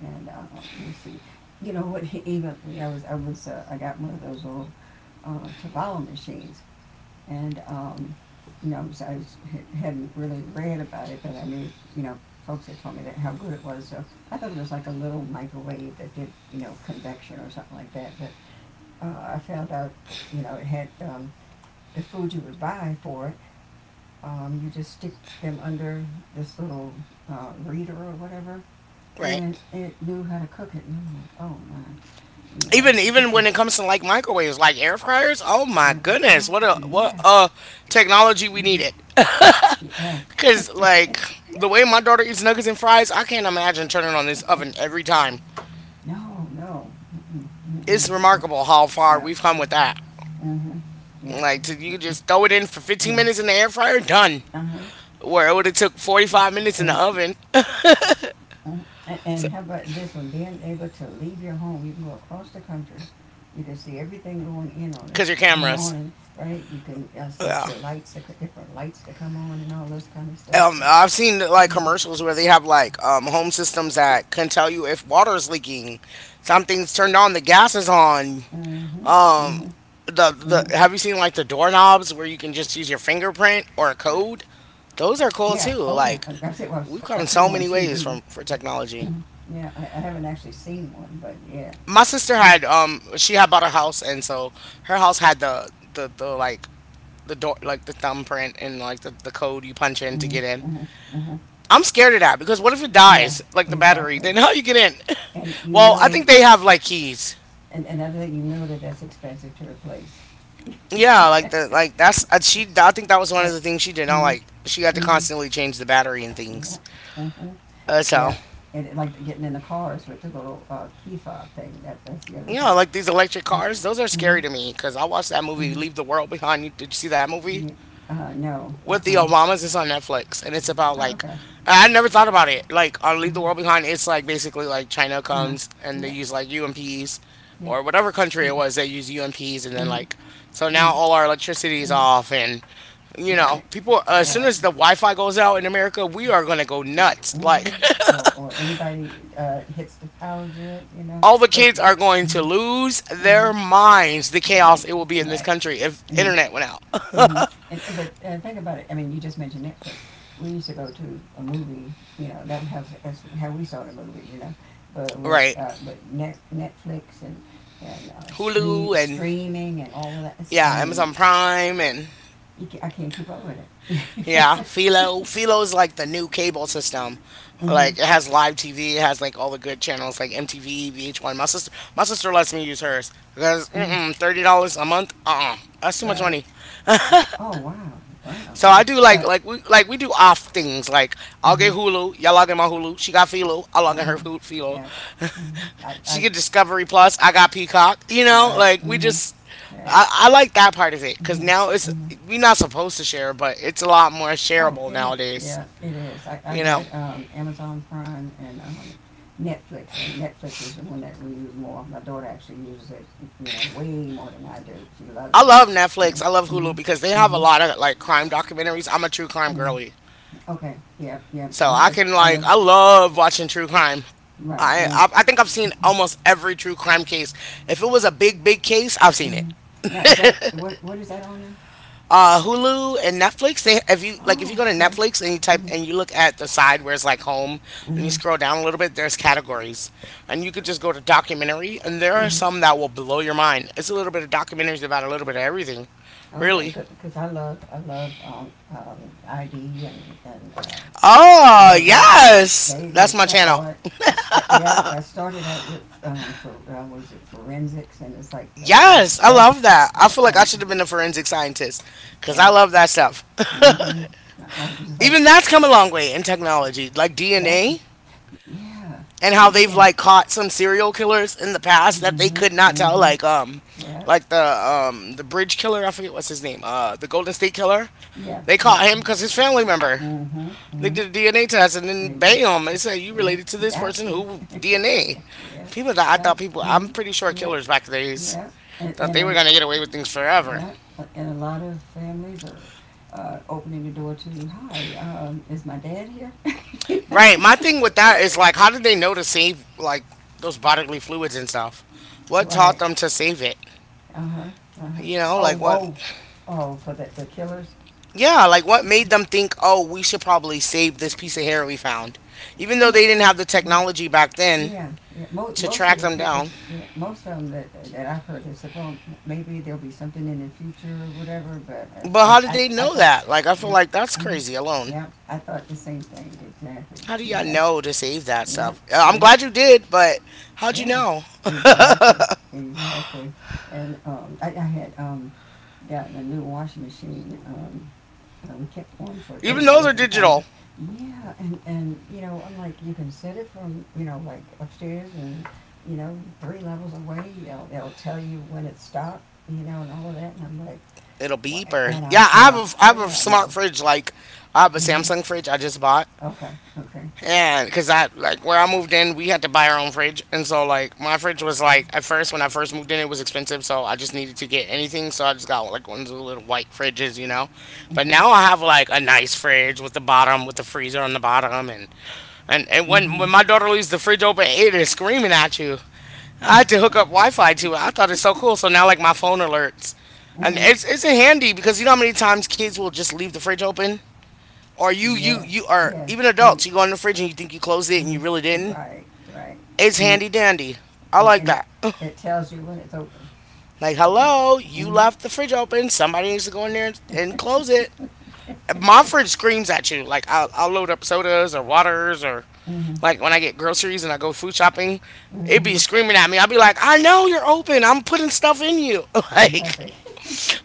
and you see, you know what? Even yeah, I was. I was. I got one of those little Tavalla machines. And, um, you know, hadn't really read about it, but I knew, you know, folks had told me that how good it was. So I thought it was like a little microwave that did, you know, convection or something like that. But I found out, you know, it had the food you would buy for it. You just stick them under this little reader or whatever, and right, it knew how to cook it. And I'm like, oh my, you know, even even this is, when it comes to like microwaves, like air fryers. Oh my yeah, oh goodness, what a yes. what a technology we Hmm. needed. Cause like the way my daughter eats nuggets and fries, I can't imagine turning on this Yeah. oven every time. No, no. Mm-mm, mm-mm. It's Yeah, remarkable how far yeah. we've come with that. Mm-hmm. Yeah. Like to you just throw it in for 15 And minutes in the air uh fryer, huh. done. Where it would have Yeah. took And, 45 minutes in the oven. mhm. And how about this one? Being able to leave your home, you can go across the country. You can see everything Because your going on in cameras. it, right? You can set your Yeah. lights, the different lights to come on, and all this kind of stuff. I've seen like Mm-hmm. commercials where they have like home systems that can tell you if water is leaking, something's turned on, the gas is on, Mm-hmm. Mm-hmm. the Mm-hmm. the have you seen like the doorknobs where you can just use your fingerprint or a code? Those are cool Yeah. too. Oh yeah. Like have seen. Well, we've I've come seen them so on many ways TV. from for technology. Mm-hmm. Yeah. I haven't actually seen one, but yeah. My sister Mm-hmm. had she had bought a house, and so her house had the like the door, like the thumbprint, and like the code you punch in to Hmm get in. hmm hmm. I'm scared of that because what if it Yeah, dies? Like the battery, exactly. then how you get in? And you Well, I know, think they have like keys. and another thing you know that that's expensive to replace. Yeah, like the like that's she. I think that was one of But, the things she did not mm like. She had to mm, constantly change the battery and things. yeah, hmm, So yeah. And it, like getting in the cars with the little key fob thing. That that's the other you thing. know, like these electric Yeah. cars, those are Hmm scary to me because I watched that movie hmm. Leave the World Behind. You did you see that movie Yeah. No. Uh, with the uh. Obamas? It's on Netflix, and it's about Oh, like okay. I never thought about it. Like on Uh Leave the huh. World Behind, it's like basically like China Uh huh. comes and they Yeah. use like UMPs, Yeah. or whatever country it was, they use UMPs, Mm-hmm. and then like Mm-hmm. so now all our electricity is Mm-hmm. off and. You know, Right. people. As soon Right. as the Wi-Fi goes out in America, we are gonna go nuts. Hmm. Like, Or anybody hits the power grid, you know. all the But kids are going to hmm lose hmm, their minds, the chaos right, it will be in this right. country if Mm-hmm. internet went out. Mm-hmm. And, but think about it. I mean, you just mentioned Netflix. We used to go to a movie, you know. That was that's how we saw the movies, you know. But with Right. Netflix and Hulu and streaming and all of that. It's, I yeah, mean, Amazon Prime and I can't keep up with it. yeah, Philo. Philo is like the new cable system. Hmm Like it has live TV, it has like all the good channels like MTV, VH1. My sister lets me use hers because hmm. mm-mm, $30 a month, uh-uh, that's too much Right. money. Oh wow, wow. So I Yeah. do, like But like we do off things like I'll hmm. get Hulu, y'all log in my Hulu. She got Philo, I log in Uh-huh. her Hulu- Philo. Yep. Mm-hmm. She I, get Discovery Plus, I got Peacock. You know, right. like we Mm-hmm. just Right. I like that part of it, because Mm-hmm. now it's Mm-hmm. we are not supposed to share, but it's a lot more Oh, shareable it is. nowadays. Yeah, it is. I You know, got Amazon Prime and Netflix, and Netflix is the one that we use more. My daughter actually uses it, you know, way more than I do. She loves I it. love Yeah. Netflix, I love Mm-hmm. Hulu, because they have a Mm-hmm. lot of like crime documentaries. I'm a true crime girly. Mm-hmm. Okay. Yep. Yep. I So I love. can I like love. I love watching true crime. Right. I And I, I think I've seen almost every true crime case. If it was a big case, I've seen it. mm-hmm. Now is that what? What is that on now? Hulu and Netflix. They, if you like, if you Oh, go to okay. Netflix and you type Mm-hmm. and you look at the side where it's like home, and you Mm-hmm. scroll down a little bit, there's categories, and you could just go to documentary, and there are some Mm-hmm. that will blow your mind. It's a little bit of documentaries about a little bit of everything, Okay, really. because I love ID and Oh all of that yes, that's my channel. all that. Yeah, I started out with for what was it forensics and it's like okay that's Yes, I that love that. I yeah feel like I and should have been a forensic scientist because I yeah love that stuff. mm-hmm. My husband's just like Even that's come a long way in technology, like that DNA, yeah and how yeah they've like caught some serial killers in the past that they mm-hmm could not tell, mm-hmm yeah like the bridge killer. I forget what's his name. The Golden State Killer. yeah They yeah caught him because his family member. mm-hmm They did a mm-hmm DNA test and then bam, they said you yeah related to this person gotcha who DNA. yeah People that I thought gotcha people, I'm mm-hmm pretty sure yeah killers back in the days yeah and, thought and they I, were gonna get away with things forever. yeah, and a lot of families are opening the door to, hi, is my dad here? Right. My thing with that is like, how did they know to save like those bodily fluids and stuff? What Right. taught them to save it? Uh huh. Uh huh. You know, like Oh, what? oh, oh, for the killers. Yeah, like what made them think, oh, we should probably save this piece of hair we found, even though No. they didn't have the Mm-hmm. technology back then Yeah, yeah. To Most track of the them people, down. yeah, most of them that I've heard, they said, well, maybe there'll be something in the future or whatever. But But how I did I they I know thought, that? Like, I feel yeah, like that's mhm, crazy alone. yeah, I thought the same thing exactly. How do You y'all know, know to save that yeah, stuff? I'm yeah. glad you did, but how'd you Yeah, know? exactly, exactly. And I had gotten a new washing machine. We kept one for Even 30 those are years and finally, digital. yeah, you know, I'm like, you can set it from, you know, like upstairs and, you know, three levels away. They'll tell you when it stopped, you know, and all of that. And I'm like, It'll beep or and yeah. and a I whole have a lot more. smart fridge. Like I have a Hmm. Samsung fridge I just bought, Okay, okay. and because I like where I moved in, we had to buy our own fridge, and so like my fridge was like at first when I first moved in, it was expensive, so I just needed to get anything, so I just got like one of the little white fridges, you know. But now Hmm. I have like a nice fridge with the bottom, with the freezer on the bottom, and and and when Hmm. when my daughter leaves the fridge open, it is screaming at you. I had to hook up Wi-Fi to it. I thought it's so cool. So now like my phone alerts, and Hmm. it's handy because you know how many times kids will just leave the fridge open, or you Yes, are yes. even And adults. You go in the fridge and you think you closed it and you really mm-hmm. didn't. Right, right. It's And you handy dandy. I and, like and it that. it tells you when it's open. Like Yeah. hello, you Mm-hmm. left the fridge open. Somebody needs to go in there and close it. My fridge screams at you. Like I'll load up sodas or waters or Mm-hmm. like when I get groceries and I go food shopping, it Mm-hmm. be screaming at me. I'll be like, I know you're open. I'm putting stuff in you. Exactly. Like,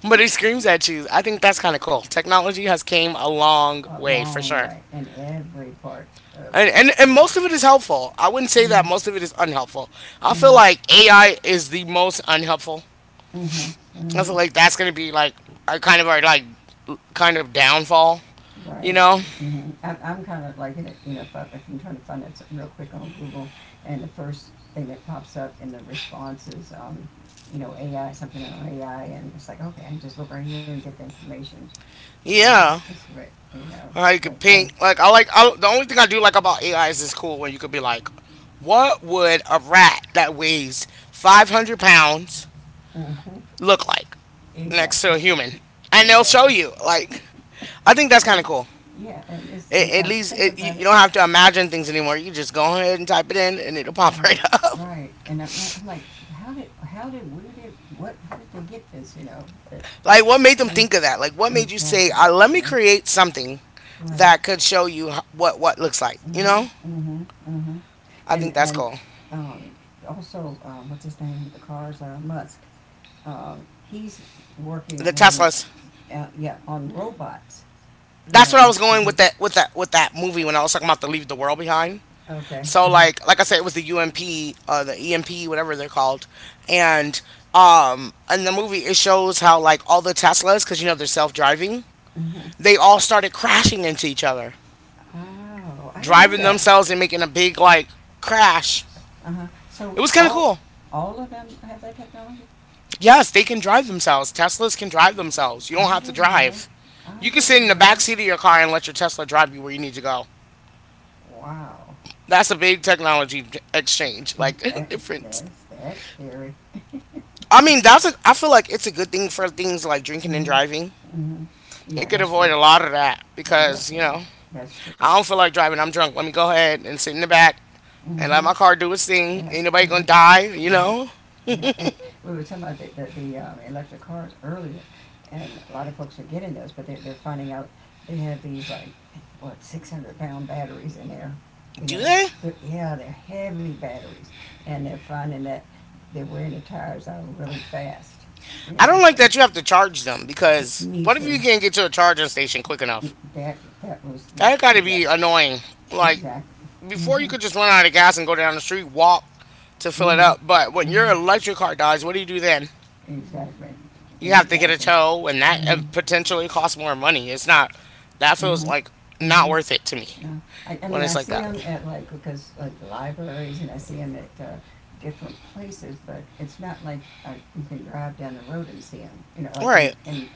but it screams at you. I think that's kind of cool. Technology has came a long A way for long sure. way in every part of, And, of and, and your life. most of it is helpful. I wouldn't say that Mm-hmm. most of it is unhelpful. I feel Mm-hmm. like AI is the most unhelpful. Mm-hmm. I feel Mm-hmm. like that's gonna be like a kind of our like kind of downfall, you Right. know? Mm-hmm. I'm kind of liking it, you know, if I'm trying to find it something real quick on Google, and the first thing that pops up in the response is, you know, AI, something on AI, and it's like, okay, I can just look right here and get the information. You know, Yeah. that's great, you know, You can but, paint. Like I like the only thing I do like about AI is it's cool when you could be like, what would a rat that weighs 500 pounds uh-huh. look like next to Exactly, a human? And they'll show exactly. you. Like, I think that's kind and, of cool. yeah, and It, at I least think about you it, don't have to imagine things anymore. You just go ahead and type it in, and it'll pop right right, up. right, and not- I'm like, how did, where did, what, how did they get this, you know, but, Like, what made them mm, think of that? Like, what made you say, exactly, "Let me yeah, create something right, that could show you h- what looks like"? You mm-hmm, know, mm-hmm, mm-hmm, I and, think that's and, cool. um, also, what's his name the cars, Musk, uh, he's working The on, Teslas. Yeah, on robots, you That's what I know, was to going with do. that with that with that movie when I was talking about the Leave the World Behind. Okay. So Uh-huh. Like I said, it was the EMP, whatever they're called, and in the movie it shows how like all the Teslas, because you know they're self driving, Uh-huh. they all started crashing into each other, Oh, I didn't know driving that. themselves and making a big like crash. Uh huh. So It was kind of cool. all of them have that technology. Yes, they can drive themselves. Teslas can drive themselves. You don't I have to didn't know that. drive. I You can sit didn't in the know that. back seat of your car and let your Tesla drive you where you need to go. Wow. That's a big technology exchange, like That difference. that's scary. I mean, that's a. I feel like it's a good thing for things like drinking and Mhm. driving. Mhm. It Yeah, could that's avoid true. a lot of that Yeah, because you definitely, know that's true. I don't feel like driving. I'm drunk. Let me go ahead and sit in the back and let Mhm. my car do its thing. Yeah. Ain't nobody Yeah. gonna die, you Yeah. know? Yeah, it, we were talking about the electric cars earlier, and a lot of folks are getting those, but they're finding out they have these like, what, 600-pound batteries in there. You Do know, they? Yeah, they're heavy batteries, and they're finding that they're wearing the tires out really fast. I Yeah, don't like so that you have to charge them it, because me what if you too. can't get to a charging station quick enough? That that was yeah, That gotta be exactly, annoying. Like exactly. before, you Mhm, could just run out of gas and go down the street, walk to fill it mhm, up. But when your mhm. electric car dies, what do you do then? Exactly, You have to get a exactly. tow, and that Mhm, potentially costs more money. It's not. That feels mhm, like not mhm. worth it to me Uh, I when mean, I it's like see them that. at like because like libraries, and I see them at different places, but it's not like you can drive down the road and see them. You know, All like right. in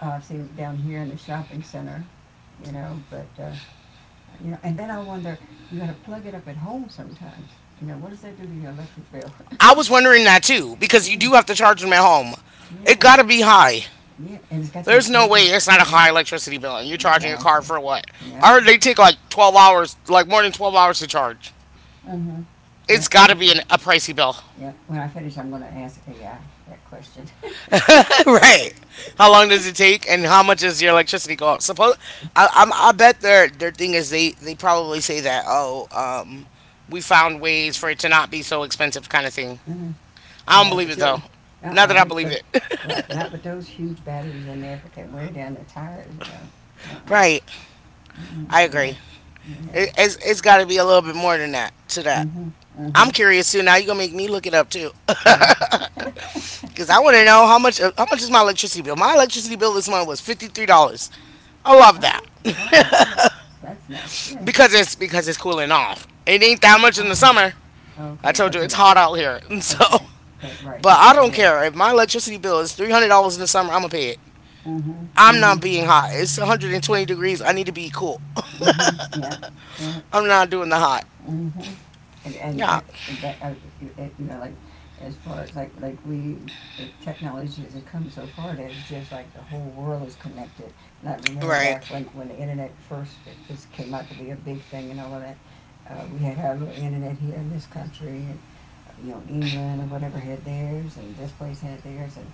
I've seen 'em down here in the shopping center. You know, but you know, and then I wonder you got to plug it up at home sometimes. You know, what does that do to your electric bill? I was wondering that too, because you yeah, do have to charge them at home. It yeah, gotta be high. yeah, and it's got these There's no great big. way it's not a Yep, high electricity bill, and you're charging your car exactly. for what? Yep. I heard they take like 12 hours, like more than 12 hours to charge. Mm-hmm. Yeah, It's gotta be an, a pricey bill. yeah. When I finish, I'm going to ask AI that question. Right. How long does it take, and how much does your electricity go up? Suppose I bet their thing is they probably say that we found ways for it to not be so expensive kind of thing. Mhm. I Yeah, don't but believe it you, though. Not uh-uh, that I look, believe the, it. right, not with those huge batteries in there, if it can wear down the tires, you know, uh-uh, Right. mm I yeah, agree. yeah, It's got to be a little bit more than that to that. mm-hmm, mm-hmm, I'm curious too. Now you're gonna make me look it up too, yeah. cause I want to know how much is my electricity bill. My electricity bill this month was $53. I love that. Oh, wow, yeah, that's nice, yeah, Because it's cooling off. It ain't that much in the ah, summer. I okay, told you 'cause of it's that, hot out here, and so. okay, 'cause- right, But 'cause of I the don't air. care if my electricity bill is $300 in the summer. I'ma pay it. Mm-hmm, I'm mm-hmm, not being hot. It's 120 degrees. I need to be cool. mm-hmm, yeah, yeah, I'm not doing the hot. mm-hmm. And Yeah, I, it, but, You it, you know, like as far as technology has come so far that it's just like the whole world is connected. And I remember right. back when the internet first it was came out to be a big thing and all of that. We had our little internet here in this country, and you know England or whatever had theirs, and this place had theirs, and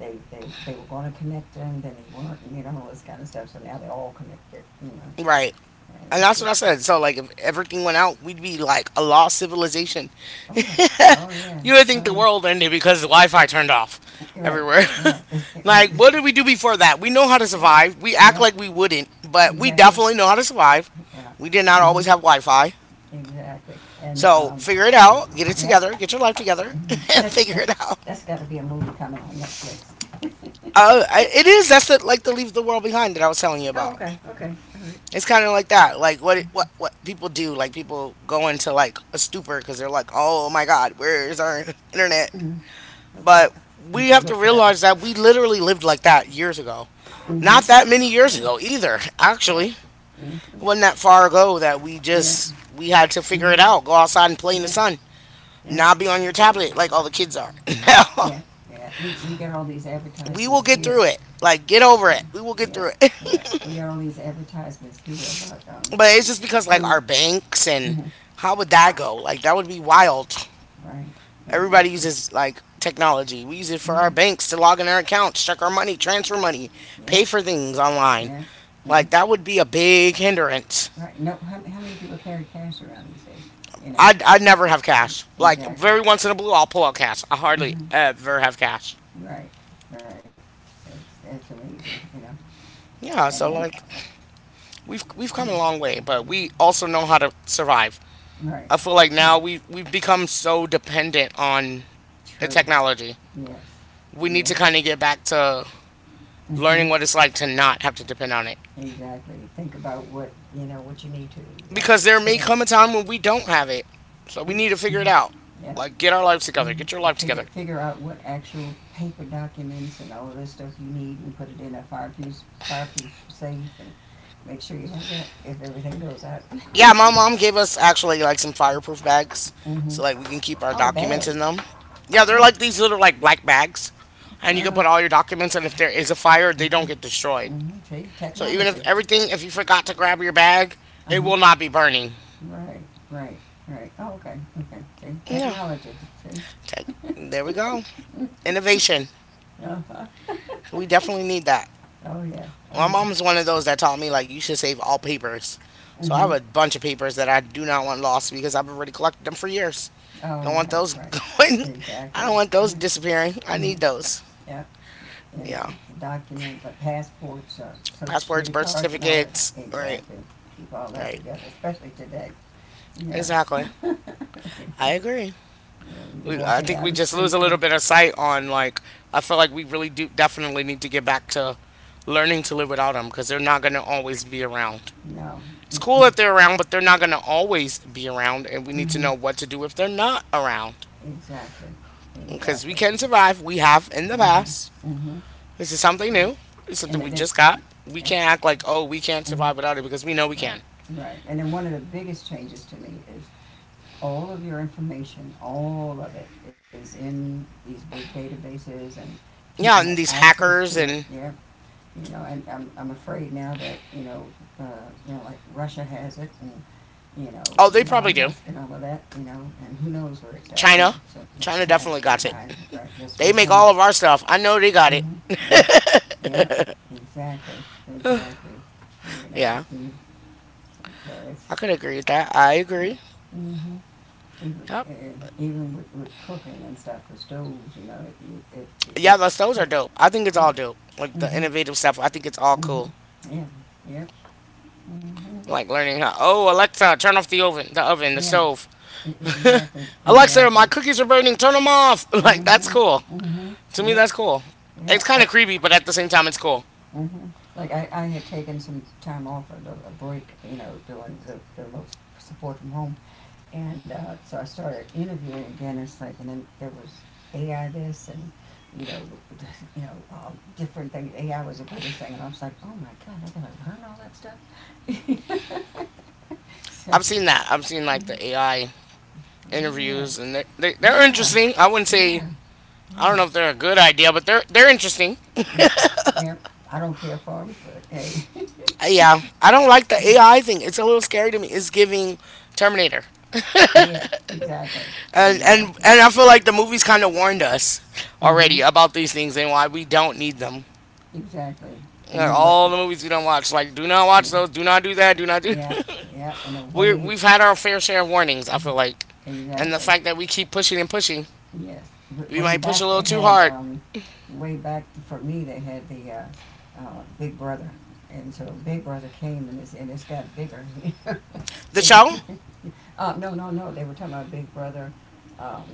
they were going to connect them, then they weren't, and you know all this kind of stuff. So now they're all connected, you know. Right. And And it's that's what I just said. So, like, if everything went out, we'd be like a lost civilization. oh yeah. Oh yeah. You would think Oh the yeah. world ended because the Wi Fi turned off Right. everywhere. Right. Right. Like, It's, what did we do before that? We know how to yeah. survive. We act Yeah. like we wouldn't, but we Exactly. definitely know how to survive. Yeah. We did not Hmm. always have Wi Fi. Exactly. And So, figure it out. Get it yep. together. Get your life together Hmm. and That's figure that's it out. that's got to be a movie coming on Netflix. It is. That's the, like the Leave the World Behind that I was telling you Oh, about. okay, okay, all right, It's kind of like that, like what it, what people do, like people go into like a stupor because they're like, "Oh my God, where is our internet?" hmm okay. But I'm we gonna have to look for that. realize that we literally lived like that years ago, One. Hmm. not that many years Yeah, ago either. yeah, Actually, hmm it wasn't that far ago that we yeah, just we had to hmm figure it out, go outside and play in the yeah, sun, yeah. not be on your tablet like all the kids are now. Yeah. Yeah. We get all these We will advertisements get here through it. Like get over yeah, it. We will get yeah, through it. yeah. We got all these advertisements here about But it's just because like food. our banks and Mhm. how would that go? Like that would be wild. Right, Everybody exactly. uses like technology. We use it for our Mhm. banks to log in our accounts, check our money, transfer money, Yeah, pay for things online. yeah, yeah. Like that would be a big hindrance. Right. No, how many people carry cash around these days? You know, I'd never have cash. Like exactly. very once in a blue, I'll pull out cash. I hardly Hmm. ever have cash. Right, right. It's amazing, you know. Yeah, And so then, like we've come a long mm, way, but we also know how to survive. right. I feel like Hmm. now we've become so dependent on the True. technology. Yes. We need to Yes. kind of get back to Hmm. learning what it's like to not have to depend on it. Exactly. Think about what you know what you need to like Because there put may in it. come a time when we don't have it. So we need to figure it Mm-hmm. out. Yeah. Like, get our lives together. Mhm. Get your life together. Figure out what actual paper documents and all this stuff you need, and put it in a fireproof safe, and make sure you have that if everything goes out. Yeah, my mom gave us actually like some fireproof bags, Mm-hmm. so like we can keep our Oh, documents in bags. them. Yeah, they're Oh. like these little like black bags, and you Uh can huh. put all your documents. And if there is a fire, they don't Mhm. get destroyed. Mhm. See, So even if technology. everything, if you forgot to grab your bag, Uh it huh. will not be burning. Right. Right. Right. Oh, okay. Okay. See, Yeah, technology. See. take. There we go. Innovation. Uh huh. We definitely need that. Oh yeah. Oh My yeah. mom's one of those that taught me like you should save all papers. So I have a Mhm. bunch of papers that I do not want lost because I've already collected them for years. I Oh don't want right. those Right. going. I Exactly. don't want those Yeah. disappearing. I Mhm. need those. Yeah. And Yeah, documents like passports, social passports, security birth cards, and all that. certificates. Right, Exactly. Keep all that right. together, especially today. Yeah. Exactly. you I agree. know, you'd be I walking think down we the just lose street a and little bit of sight on like. I feel like we really do definitely need to get back to learning to live without them because they're not going to always be around. you know. It's cool Mm-mm. that they're around, but they're not going to always be around, and we need to Mm-hmm. know what to do if they're not around. Exactly. Because we Exactly. can survive. We have in the past. Mm-hmm. Mm-hmm. This is something Yeah. new. It's something And we that. That just got. We yeah. can't act like, oh, we can't survive Mm-hmm. without it because we know we Right. can. Right. And then one of the biggest changes to me is all of your information, all of it, is in these big databases and people Yeah, have and these access hackers to it. and, Yeah, you know, and I'm afraid now that, uh, you know, like Russia has it and, you know, oh, they probably Elon do. Musk and all of that, you know, and who knows where it's at, you know, China. so China China, definitely got it. China, right? This They was make one. all of our stuff. I know they got it. Mm-hmm. Yep. Yep. Exactly. Exactly. You know, Yeah, and so it's, I could agree with that. I yeah. agree. Mm-hmm. Even, Yep. and even with cooking and stuff, the stoves, you know, it, it, Yeah, it, those it, are it dope. I think it's all dope. Like the mm-hmm. innovative stuff, I think it's all cool. Mm-hmm. yeah, yep, mm-hmm. Like learning how. Oh, Alexa, turn off the oven, the oven, the Yes, stove. Exactly, Alexa, my exactly. cookies are burning. Turn them off. Like that's Mm-hmm, cool. mm-hmm, To me, yeah, that's cool. yeah. It's kind of creepy, but at the same time, it's cool. mm-hmm. Like I had taken some time off, little- a break, you know, doing the remote support from home. And so I started interviewing dentists, like, and then there was AI this and, you know, you know, different things. AI was the biggest thing, and I was like, oh my God, I gotta learn all that stuff. So, I've seen that. I've seen like mhm. the AI yeah, interviews, and they're yeah, interesting. I wouldn't say yeah, I yeah. don't know if they're a good idea, but they're interesting. Yeah, yeah. I don't care for them, but hey, Yeah, I don't like the AI thing. It's a little scary to me. It's giving Terminator, yeah, exactly, and and exactly, and I feel like the movies kind of warned us mm-hmm. already about these things and why we don't need them. Exactly. And Like, then what? all the movies we don't watch. Like, do not watch Yeah, those. Do not do that. Do not do. yeah, yeah. And then way, We've had our fair share of warnings, I feel like. And the exactly, fact that we keep pushing and pushing, yes. We Way might push a back they little too had, hard. Way back for me they had the Big Brother, and so Big Brother came and it's got bigger. The Big, show? No, no, they were talking about Big Brother, um,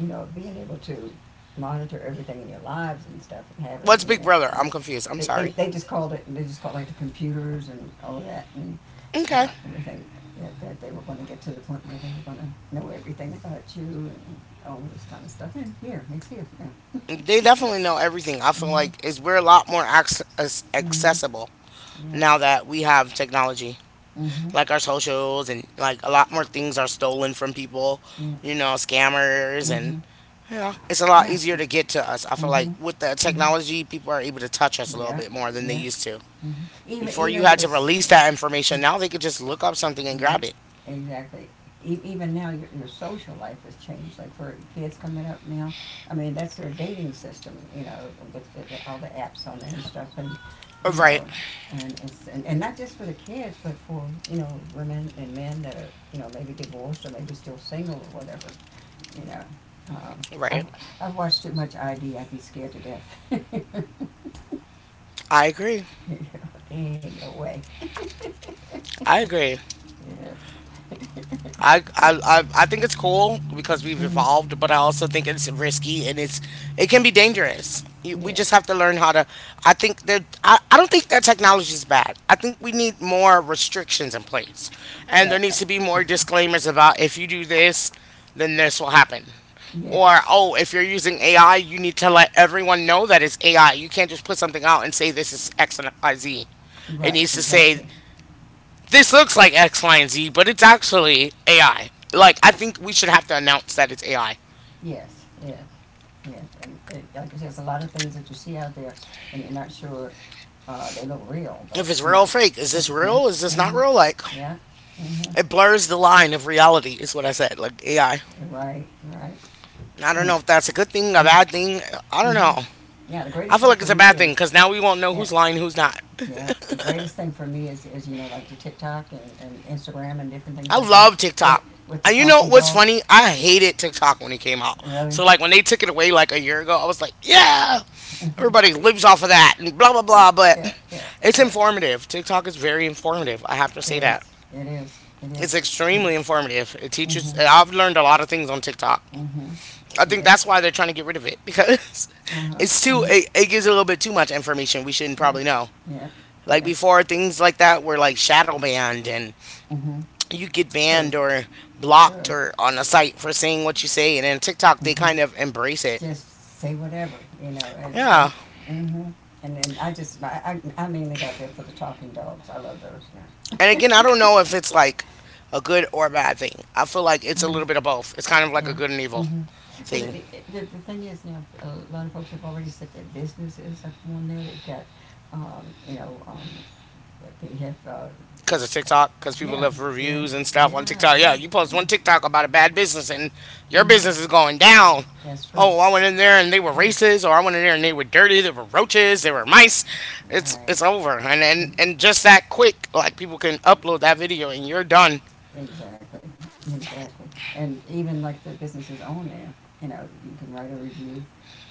you know, being able to monitor everything in your lives and stuff and having, What's you Big know, Brother? I'm confused. I'm sorry. they just called it, they just called it, like the computers and all that and Okay. Everything that they were going to get to the point where they were going to know everything about you and all this kind of stuff. And here, it's here. Yeah. They definitely know everything. I feel Mm-hmm. like is we're a lot more Mm-hmm. accessible Yeah. now that we have technology, Mm-hmm. like our socials and like a lot more things are stolen from people, Yeah. you know, scammers and Mm-hmm. yeah, it's a lot Yeah. easier to get to us. I feel like Mm-hmm. with the Mm-hmm. technology, people are able to touch us a little Yeah, bit more than they yeah. used to. Mhm. Even Before you even had to this release that information, now they could just look up something and yeah, grab it. exactly. Even now, your social life has changed. Like for kids coming up now, I mean, that's their dating system, you know, with all the apps on there and stuff, and you Right, know, and it's and not just for the kids, but for you know women and men that are you know maybe divorced or maybe still single or whatever, you know. Um, I've, right. I've watched too much ID. I'd be scared to death. I agree. You know, ain't no way. I agree. I think it's cool because we've Mm-hmm. evolved, but I also think it's risky and it's it can be dangerous. You, we just Yes, have to learn how to. I think that I don't think that technology is bad. I think we need more restrictions in place, and there that. needs to be more disclaimers about if you do this, then this will happen. Or Yes, oh, if you're using AI, you need to let everyone know that it's AI. You can't just put something out and say this is X and Y Z. It right. needs to say Exactly. this looks like X, Y, and Z, but it's actually AI. Like, I think we should have to announce that it's AI. Yes, yes, yes. And it, like I said, it's a lot of things that you see out there, and you're not sure they look real, but If it's you real know, or fake, is yeah, this yeah, real? Is this not mm-hmm, real? Like, yeah, mm-hmm, it blurs the line of reality, is what I said. Like, AI. I you're right, you're right, I don't and know if that's a good thing, a bad mm-hmm. thing. I don't know. Yeah, the I greatest feel thing like it's for a me bad thing is because now we won't know yeah, who's lying, who's not. yeah. The greatest thing for me is you know like the TikTok and Instagram and different things I out there love TikTok. With the And you know talking what's funny? dogs. I hated TikTok when it came out. Really, So like when they took it away like a year ago, I was like, yeah, mm-hmm. everybody lives off of that and blah blah yeah, blah. But yeah, yeah, it's yeah. informative. TikTok is very informative. I have to It say that. is, it is, it is. It's extremely informative. It teaches. Mm-hmm. I've learned a lot of things on TikTok. Mm-hmm. I And think it, that's why they're trying to get rid of it because uh-huh, it's too. uh-huh. It gives a little bit too much information we shouldn't Yeah, probably know. yeah, Like yeah. before, things like that were like shadow banned and Mm-hmm. you get True, banned or blocked true. or on a site for saying what you say and in TikTok they Mm-hmm. kind of embrace it. Just say whatever, you know, and yeah. Yeah. Mm-hmm. And then I just, I mainly got there for the talking dogs. I love those. Yeah. And again, I don't know if it's like a good or a bad thing. I feel like it's a Uh-huh. little bit of both. It's kind of like Yeah. a good and evil Mm-hmm. Well, thing. The thing is, you know, a lot of folks have already set their businesses up on there. They've got, you know, they have, Because of TikTok, because people yeah, left yeah, reviews and stuff on yeah, TikTok. Yeah, yeah, you post yeah. one TikTok about a bad business and your business is Mm-hmm. going down. That's true. Oh, I went in there and they were Yes. racist, or I went in there and they were dirty. They were roaches. They were mice. It's Right. it's over, and just that quick, like people can upload that video and you're done. Exactly. Exactly. And even like the businesses on there, you know, you can write a review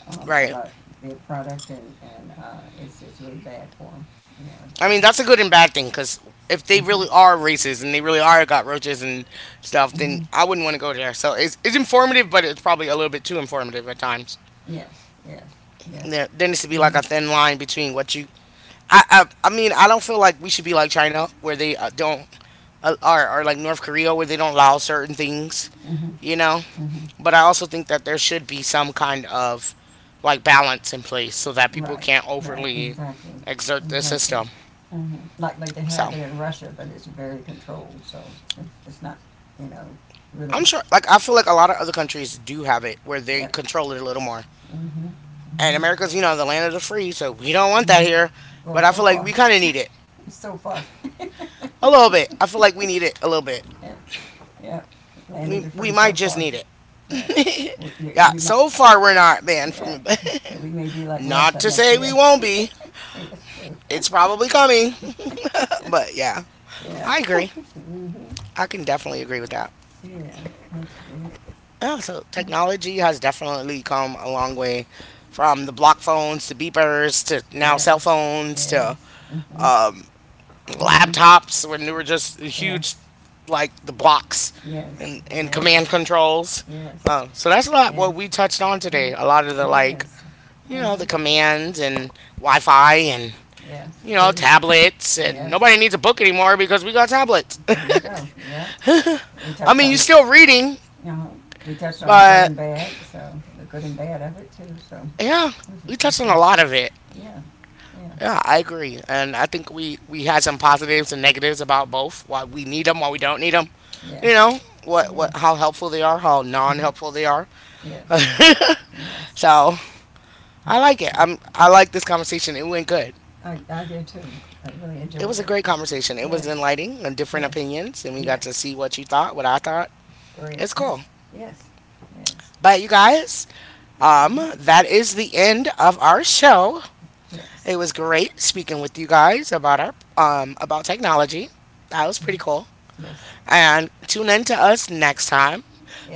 Right. about their product, and it's really bad for them. You I mean, that's a good and bad thing because if know. they So. Mhm. really are racist and they really are got roaches and stuff, then Mhm. I wouldn't want to go there. So it's informative, but it's probably a little bit too informative at times. Yes. Yes. Yes. There needs to be like Mhm. a thin line between what you I mean I don't feel like we should be like China where they don't or like North Korea where they don't allow certain things, Mhm. you know. Mhm. But I also think that there should be some kind of like balance in place so that people Right. can't Right. overly Exactly. exert their Exactly. system. Hmm. Like they So have it in Russia, but it's very controlled, so it's not you know really I'm sure like I feel like a lot of other countries do have it where they e- control it a little more. mm-hmm. And Mm-hmm. America's you know the land of the free, so we don't want that here. Mm-hmm. Well, But I so feel like we far, kind of need it so far, a little bit. I feel like we need it a little bit. yeah, yeah. Land of the We free, we so might just far, need yeah. it. Yeah, We might, so far we're not banned yeah. from it, We may be like not Russia to next say we year. won't be. Yeah, it's true. It's probably coming. But yeah, Yeah. I agree. Mm-hmm. I can definitely agree with that. Yeah. That's good. Yeah, so technology has definitely come a long way from the block phones to beepers to now cell Yes. phones to Yes. Mm-hmm. Mm-hmm. laptops when they were just huge, Yes. like the blocks Yes. and, command Yes. controls. Yes. Oh, so that's a lot what Yes. we touched on today. A lot of Mm-hmm. the like, Yes. you know, Mm-hmm. the commands and Wi Fi and Yes. you know, Good. tablets, and Yes. nobody needs a book anymore because we got tablets. There you go. Yeah. We I touched mean, you're on this. still reading, You know, we touched on the good but and bad, so the good and bad of it too. So yeah, it was we touched on interesting. a lot of it. Yeah, yeah, Yeah, I agree, and I think we had some positives and negatives about both. Why we need them, why we don't need them. You yes, know what yes, how helpful they are, how uh huh. non-helpful they are. yes, yes. So I like it. I like this conversation. It went good. I did too. I really It enjoyed was a it. great conversation. It was Yes, enlightening and different yes, opinions, and we got to yes. see what you thought, what I thought. Great. It's cool. Yes, yes, yes, But you guys, mhm, that is the end of our show. yes, It was great speaking with you guys about our about technology. That was pretty cool. yes, And tune in to us next time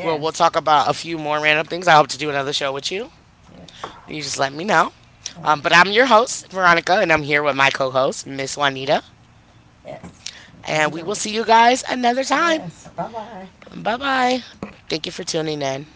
where we'll talk about a few more random things. I hope to do another show with you. yes. You just let me know. Okay. But I'm your host, Veronica, and I'm here with my co-host, Miss Juanita. Yes, And we enjoyed will it. see you guys another time. Yes. Bye bye. Bye bye. Thank you for tuning in.